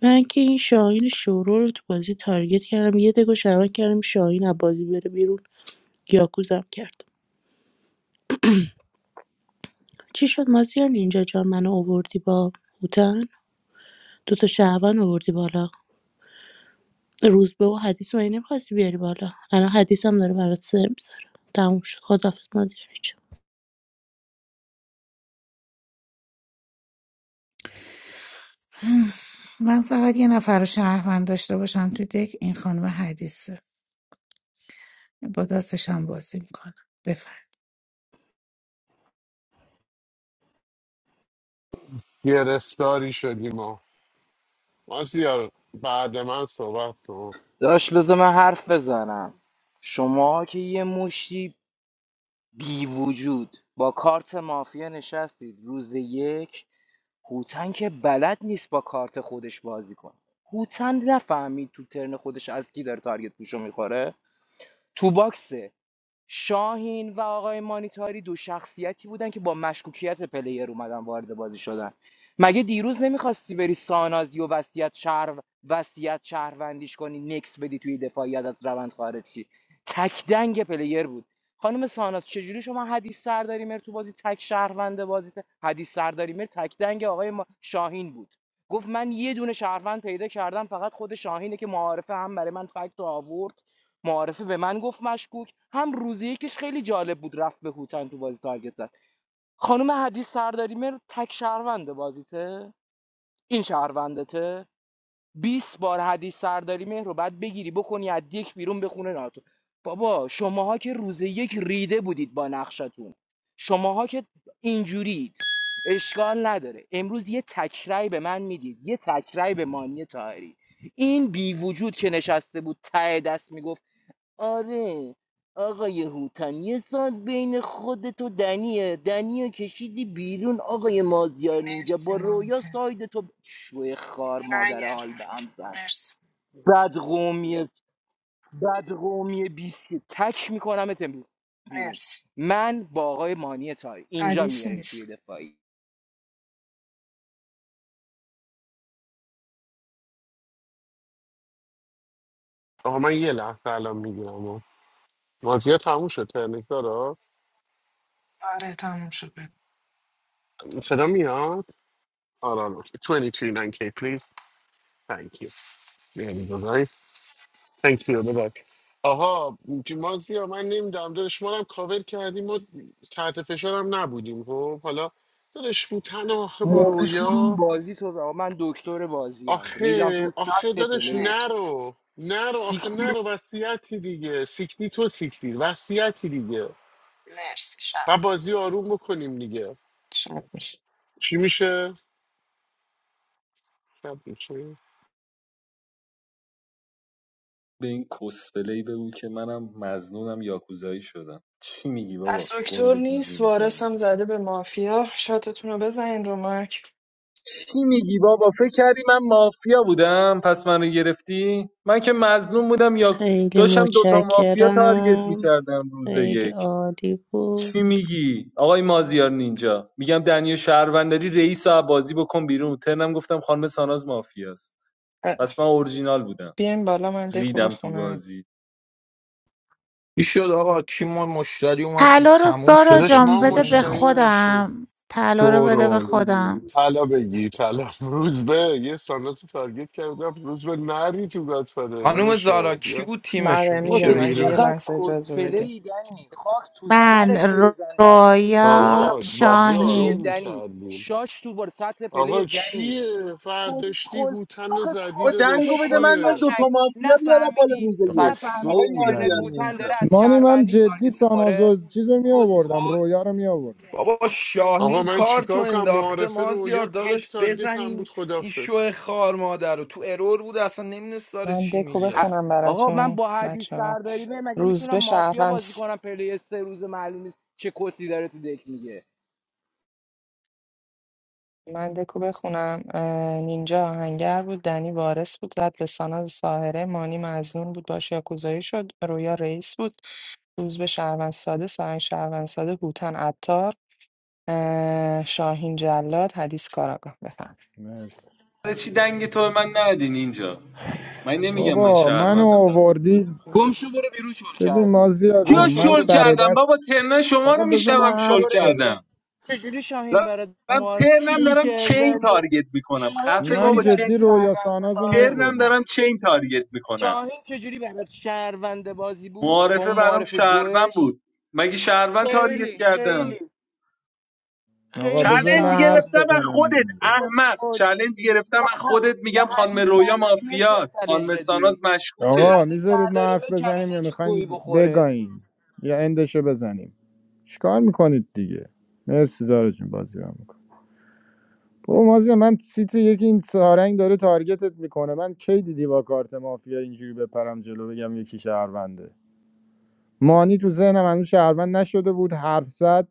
Speaker 11: من که این شاهین شورو رو تو بازی تارگت کردم یه دگو شبک کردم شاهین از بازی بره بیرون یاکوزم کرد چی شد مازیار اینجا جا منو اووردی با هوتن دوتا شهروند اووردی بالا روزبه و حدیث رو نمیخواستی بیاری بالا الان حدیث هم داره برات سه میذاره تموم شد خدافز مازیار اینجا
Speaker 6: من فقط یه نفر رو شهروند داشته باشم تو دک این خانم حدیثه با دستشم بازی میکنم بفهم
Speaker 1: گرفتاری شدیم ما ما زیار بعد من صحبت کن
Speaker 8: داش بذار من حرف بزنم شما که یه مشتی بی وجود با کارت مافیا نشستید روز یک هوتن که بلد نیست با کارت خودش بازی کنه هوتن نفهمید تو ترن خودش از کی داره تارگت پوشو میخوره تو باکس شاهین و آقای مانیتاری دو شخصیتی بودن که با مشکوکیت پلیر اومدن وارد بازی شدن مگه دیروز نمیخواستی بری سانازی و وصیت شهر وصیت شهروندیش کنی نکس بدی توی دفاعیت از روند خارج شی تک دنگ پلیر بود خانم ساناز چجوری شما حدیث سرداری مر تو بازی تک شهروند بازی حدیث سرداری مر تک دنگ آقای ما- شاهین بود گفت من یه دونه شهروند پیدا کردم فقط خود شاهینه که معارفه هم برای من فکت رو آورد معارفه به من گفت مشکوک هم روزی یکش خیلی جالب بود رفت به هوتن تو بازی تارگت زد خانم حدیث سرداری مهر تک شهرونده بازیته این شهروندته 20 بار حدیث سرداری مهر رو بعد بگیری بکنی از یک بیرون بخونه ناتو بابا شماها که روز یک ریده بودید با نقشتون شماها که اینجورید اشکال نداره امروز یه تکرای به من میدید یه تکرای به مانی تاهری این بی وجود که نشسته بود ته دست میگفت آره آقای هوتن یه سال بین خودت و دنیه دنیا کشیدی بیرون آقای مازیار نینجا
Speaker 2: مرسی
Speaker 8: با رویا
Speaker 2: مانزه
Speaker 8: ساید تو ب- شوه خار
Speaker 2: نه
Speaker 8: مادر
Speaker 2: یه
Speaker 8: حال به هم
Speaker 2: رومک
Speaker 8: زن
Speaker 2: مرسی
Speaker 8: بد قومی بد قومی بیستی تک میکنم بیرون
Speaker 2: مرسی
Speaker 8: من با آقای مانی تای اینجا
Speaker 2: حدیث
Speaker 8: میاری توی
Speaker 2: نیست
Speaker 8: دفاعی
Speaker 1: آقا من یه لحظه الان میگیرم مازیار تموم شد ترنیک داره
Speaker 2: آره تموم شد بگو.
Speaker 1: صدا میاد آره آره. 22 9k please thank you Thank you. ببخش. آها مازیا من نمیدونم داداش ما رو هم کاور کردیم ما تحت فشار هم نبودیم خب حالا داداش فوتن آخه با
Speaker 8: مرده شروع
Speaker 1: رویا
Speaker 8: بازی تو آقا من دکتر بازی هم ریدم
Speaker 1: آخه
Speaker 8: تو
Speaker 1: آخه
Speaker 8: سطح
Speaker 1: داداش
Speaker 8: پلیت
Speaker 2: مرسی
Speaker 1: نرو نرو آخه نرو وصیتی دیگه سیکنی تو سیکتی وصیتی دیگه
Speaker 2: مرسی شب
Speaker 1: و بازی آروم بکنیم دیگه
Speaker 2: مرسی.
Speaker 1: چی میشه؟ شب میشه
Speaker 13: به این کسپلی بگو که منم مزنونم یاکوزایی شدم چی میگی
Speaker 2: پس
Speaker 13: بابا
Speaker 2: دکتر
Speaker 13: گنده گوزی
Speaker 2: نیست وارث
Speaker 13: میکنی
Speaker 2: هم زده به مافیا شاتتون رو بزنین رو مارک
Speaker 13: چی میگی بابا فکر کردی من مافیا بودم پس منو گرفتی من که مظلوم بودم یا
Speaker 11: خیلی
Speaker 13: داشتم دوتا مافیا تارگت
Speaker 11: متشکرم
Speaker 13: میکردم روز
Speaker 11: خیلی
Speaker 13: یک
Speaker 11: عالی بود
Speaker 13: چی میگی آقای مازیار نینجا میگم دنیا شهروندری رئیس رو بازی بکن بیرون ترنم گفتم خانم ساناز مافیاست
Speaker 2: اه،
Speaker 13: پس من اورجینال بودم
Speaker 2: بیاین بالا من دکو
Speaker 13: ریدم تو
Speaker 2: بخونم
Speaker 13: بازی
Speaker 10: چی شد آقا کی ما مشتری اومد دید
Speaker 6: طلا رو
Speaker 10: تموم
Speaker 6: دارا
Speaker 10: شد
Speaker 1: داداش
Speaker 6: جان
Speaker 1: ما
Speaker 6: بده
Speaker 10: جدی
Speaker 6: به
Speaker 1: مشتری
Speaker 10: نشد.
Speaker 1: داشتیم
Speaker 6: خودم طلا رو بده به
Speaker 10: شورول
Speaker 6: خودم
Speaker 1: طلا بگیر طلا روز به یه سانات رو تارگت کردم روز به نری تو گادفادر
Speaker 10: خانوم
Speaker 1: داداشا
Speaker 10: زارا کی
Speaker 1: بیا
Speaker 10: بود تیمشون
Speaker 2: بله
Speaker 8: بابا
Speaker 10: میشه
Speaker 1: بیا
Speaker 8: تو
Speaker 2: میگم اگه
Speaker 1: بیرون
Speaker 2: یه
Speaker 10: بگی
Speaker 8: چقدر
Speaker 2: لحظه اجازه
Speaker 8: کسپله
Speaker 2: بدی
Speaker 8: ای دنی خاک تو
Speaker 6: من
Speaker 8: سرت بریزن دنی
Speaker 6: رویا
Speaker 8: ریدم
Speaker 1: آقا
Speaker 8: تو سطح
Speaker 1: بازی
Speaker 8: پله
Speaker 1: آروم
Speaker 6: شاهین
Speaker 8: دنی
Speaker 1: میکردیم
Speaker 8: شاش تو بر سطح پله
Speaker 1: آقا
Speaker 8: دنی
Speaker 1: چیه فرداشتی
Speaker 8: کسخل
Speaker 1: هوتن و
Speaker 8: آخه
Speaker 1: زدی
Speaker 13: با
Speaker 8: کسخل
Speaker 13: دنگو
Speaker 1: داداش
Speaker 13: بده من من
Speaker 1: چیه
Speaker 13: دو
Speaker 8: کسمشنگ
Speaker 13: تا مافیا بیارم بالا
Speaker 8: نفهمیدی
Speaker 13: روز
Speaker 10: چقدر
Speaker 13: یک آقای
Speaker 8: نفهمیدی
Speaker 10: شو
Speaker 8: ترنت
Speaker 13: مازیار
Speaker 10: بودن
Speaker 8: هوتن
Speaker 13: نینجا
Speaker 8: داره از
Speaker 7: مانی من
Speaker 8: شهروندی
Speaker 7: جدی
Speaker 8: تارگت میخوره
Speaker 7: سانازو چیز رو می آوردم
Speaker 8: کسخل
Speaker 7: رویا رو می آوردم
Speaker 10: بابا
Speaker 1: آقا
Speaker 10: شاهین
Speaker 1: من
Speaker 10: کار تو
Speaker 1: چیکار کنم
Speaker 10: انداخته
Speaker 1: معارفه
Speaker 10: مازیار
Speaker 1: رویا
Speaker 10: داداش
Speaker 1: تک تارگت هم بود
Speaker 10: بزنیم این
Speaker 1: خدافز
Speaker 10: شو خار مادر رو تو ارور بود اصلا نمیدونست داره
Speaker 2: من
Speaker 10: چی
Speaker 2: دکو
Speaker 10: میگه
Speaker 8: ا-
Speaker 2: بخونم
Speaker 8: آقا من
Speaker 2: براتون
Speaker 8: با حدیث
Speaker 2: بچه ها
Speaker 8: سرداری به مگه
Speaker 2: روز
Speaker 8: میشونم
Speaker 2: به
Speaker 8: مافیا
Speaker 2: شهروند
Speaker 8: بازی
Speaker 2: س-
Speaker 8: کنم پله سه روز معلوم نیست چه کسی داره تو دک میگه
Speaker 2: من دکو بخونم اه، نینجا آهنگر بود دنی وارث بود زد به ساناز ساهره مانی مزنون بود باش یاکوزایی شد رویا رئیس بود روز به شهروند ساده ساهن شهروند ساده هوتن عطار اه، شاهین جلاد حدیث کاراگاه
Speaker 7: مرسی
Speaker 13: برای چی دنگ تو به من ندی نینجا من نمیگم من
Speaker 7: بابا منو
Speaker 13: شهروندم دنگ تو بده
Speaker 7: آوردی
Speaker 13: من
Speaker 8: گم شو برو بیرون شل
Speaker 7: ببین
Speaker 8: کردی
Speaker 7: مازیار جون
Speaker 8: گم
Speaker 13: کیا
Speaker 8: شو
Speaker 7: من
Speaker 8: برو
Speaker 13: شل
Speaker 7: سر
Speaker 8: بیرون
Speaker 13: کردم
Speaker 7: دست
Speaker 13: بابا ترنم شما
Speaker 7: آقا
Speaker 13: رو
Speaker 7: بذار
Speaker 13: میشنوم
Speaker 7: من
Speaker 8: گم شو
Speaker 13: شل
Speaker 7: حرف
Speaker 8: برو بیرون
Speaker 7: بزنم
Speaker 13: کردم
Speaker 8: چجوری شاهین برات
Speaker 13: دارم
Speaker 8: مار
Speaker 13: ترنم دارم چین
Speaker 8: شهرونده
Speaker 13: تارگت میکنم
Speaker 8: شاهین
Speaker 13: خفه
Speaker 7: من
Speaker 8: چجوری
Speaker 13: بابا
Speaker 8: برات
Speaker 7: جدی
Speaker 13: چین
Speaker 7: رویا
Speaker 8: شهرونده
Speaker 7: ساناز رو می
Speaker 8: بازی
Speaker 13: ترنم
Speaker 7: آوردم
Speaker 13: دارم
Speaker 8: بود
Speaker 13: چین تارگت میکنم
Speaker 8: شاهین چجوری برات شهرونده بازی بود با
Speaker 13: معارفه
Speaker 8: اون
Speaker 13: برام
Speaker 8: معارف
Speaker 13: شهروند
Speaker 8: گوش
Speaker 13: بود مگه شهروند تارگت
Speaker 8: خیلی
Speaker 13: کردم
Speaker 8: خیلی
Speaker 7: آقا
Speaker 8: خیلی
Speaker 7: بذار من
Speaker 13: چلنج
Speaker 7: حرف
Speaker 8: شهروند بود
Speaker 13: گرفتم از
Speaker 7: بزنم
Speaker 13: خودت
Speaker 7: دیگه
Speaker 13: احمق
Speaker 8: اصول.
Speaker 13: چلنج گرفتم
Speaker 8: خب
Speaker 13: از
Speaker 8: ه-
Speaker 13: خودت
Speaker 8: به
Speaker 13: میگم خانم
Speaker 8: حدیث
Speaker 13: رویا
Speaker 8: سرداری میر چه
Speaker 13: مافیاست
Speaker 8: چلنج
Speaker 13: خانم ساناز
Speaker 8: دادی به
Speaker 13: مشکوکه
Speaker 7: آقا
Speaker 8: حدیث
Speaker 7: میذارید ما
Speaker 8: سرداری
Speaker 7: حرف
Speaker 8: میر چلنج
Speaker 7: بزنیم یا
Speaker 8: دادی چه گویی
Speaker 7: میخواین
Speaker 8: بخوره
Speaker 7: بگاییم یا اندشو بزنیم چیکار میکنید دیگه مرسی زارا جون بازی رو میکنم بابا مازی من سیت یکی این سارنگ داره تارگتت میکنه من کی دیدی با کارت مافیا اینجوری بپرم جلو بگم یکی شهرونده مانی تو ذهنم هنوز شهروند نشده بود حرف زد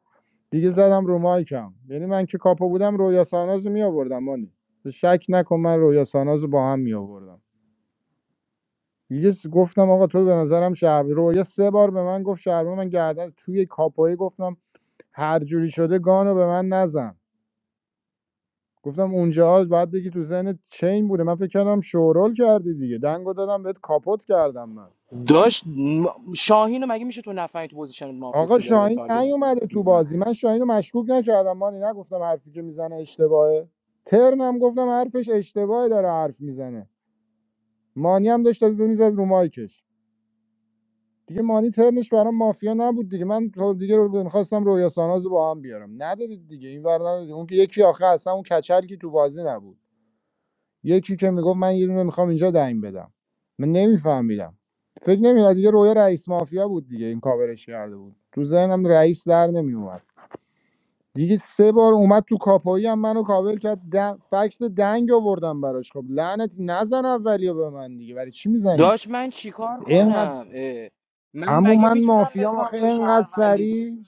Speaker 7: دیگه زدم رو مایکم یعنی من که کاپا بودم رویا ساناز رو میآوردم مانی تو شک نکن من رویا ساناز با هم میآوردم دیگه گفتم آقا تو به نظرم شهر رو یه سه بار به من گفت شهر من گردن توی کاپایی گفتم هر جوری شده گانو به من نزن گفتم اونجا باید بگی تو ذهن چین بوده من فکر کردم شورول کردی دیگه دنگو دادم بهت کاپوت کردم من
Speaker 8: داشت م- شاهین رو مگه میشه تو نفهمی تو پوزیشن مافیاست
Speaker 7: آقا
Speaker 8: که داره به
Speaker 7: شاهین
Speaker 8: تارگت
Speaker 7: نیومده
Speaker 8: مفت
Speaker 7: تو بازی
Speaker 8: میزنه
Speaker 7: من شاهین رو مشکوک نکردم مانی نگفتم حرفی که میزنه اشتباهه ترنم گفتم حرفش اشتباهه داره حرف میزنه مانی هم داشت میزد رو مایکش دیگه مانی ترنش برام مافیا نبود دیگه من رو- دیگه رو میخواستم رویا ساناز رو با هم بیارم ندادید دیگه این ور ندادید اون که یکی آخه اصلا اون کچل که تو بازی نبود یکی که میگفت من یه دونه میخوام اینجا دیم بدم من نمیفهمیدم فکر نمیاد دیگه رویا رئیس مافیا بود دیگه این کاورش کرده بود تو ذهنم رئیس در نمیومد دیگه سه بار اومد تو کاپایی هم منو کاور کرد دن... فکس دنگ آوردم براش خب لعنت نزن اولیو به من دیگه برای چی میزنی
Speaker 8: داشت من چیکار
Speaker 7: اینقدر
Speaker 8: کنم اه، من
Speaker 7: عمو
Speaker 8: مگه
Speaker 7: من
Speaker 8: میتونم
Speaker 7: مافیام
Speaker 8: بفهم
Speaker 7: آخه
Speaker 8: تو
Speaker 7: اینقدر
Speaker 8: شهروندی
Speaker 7: سری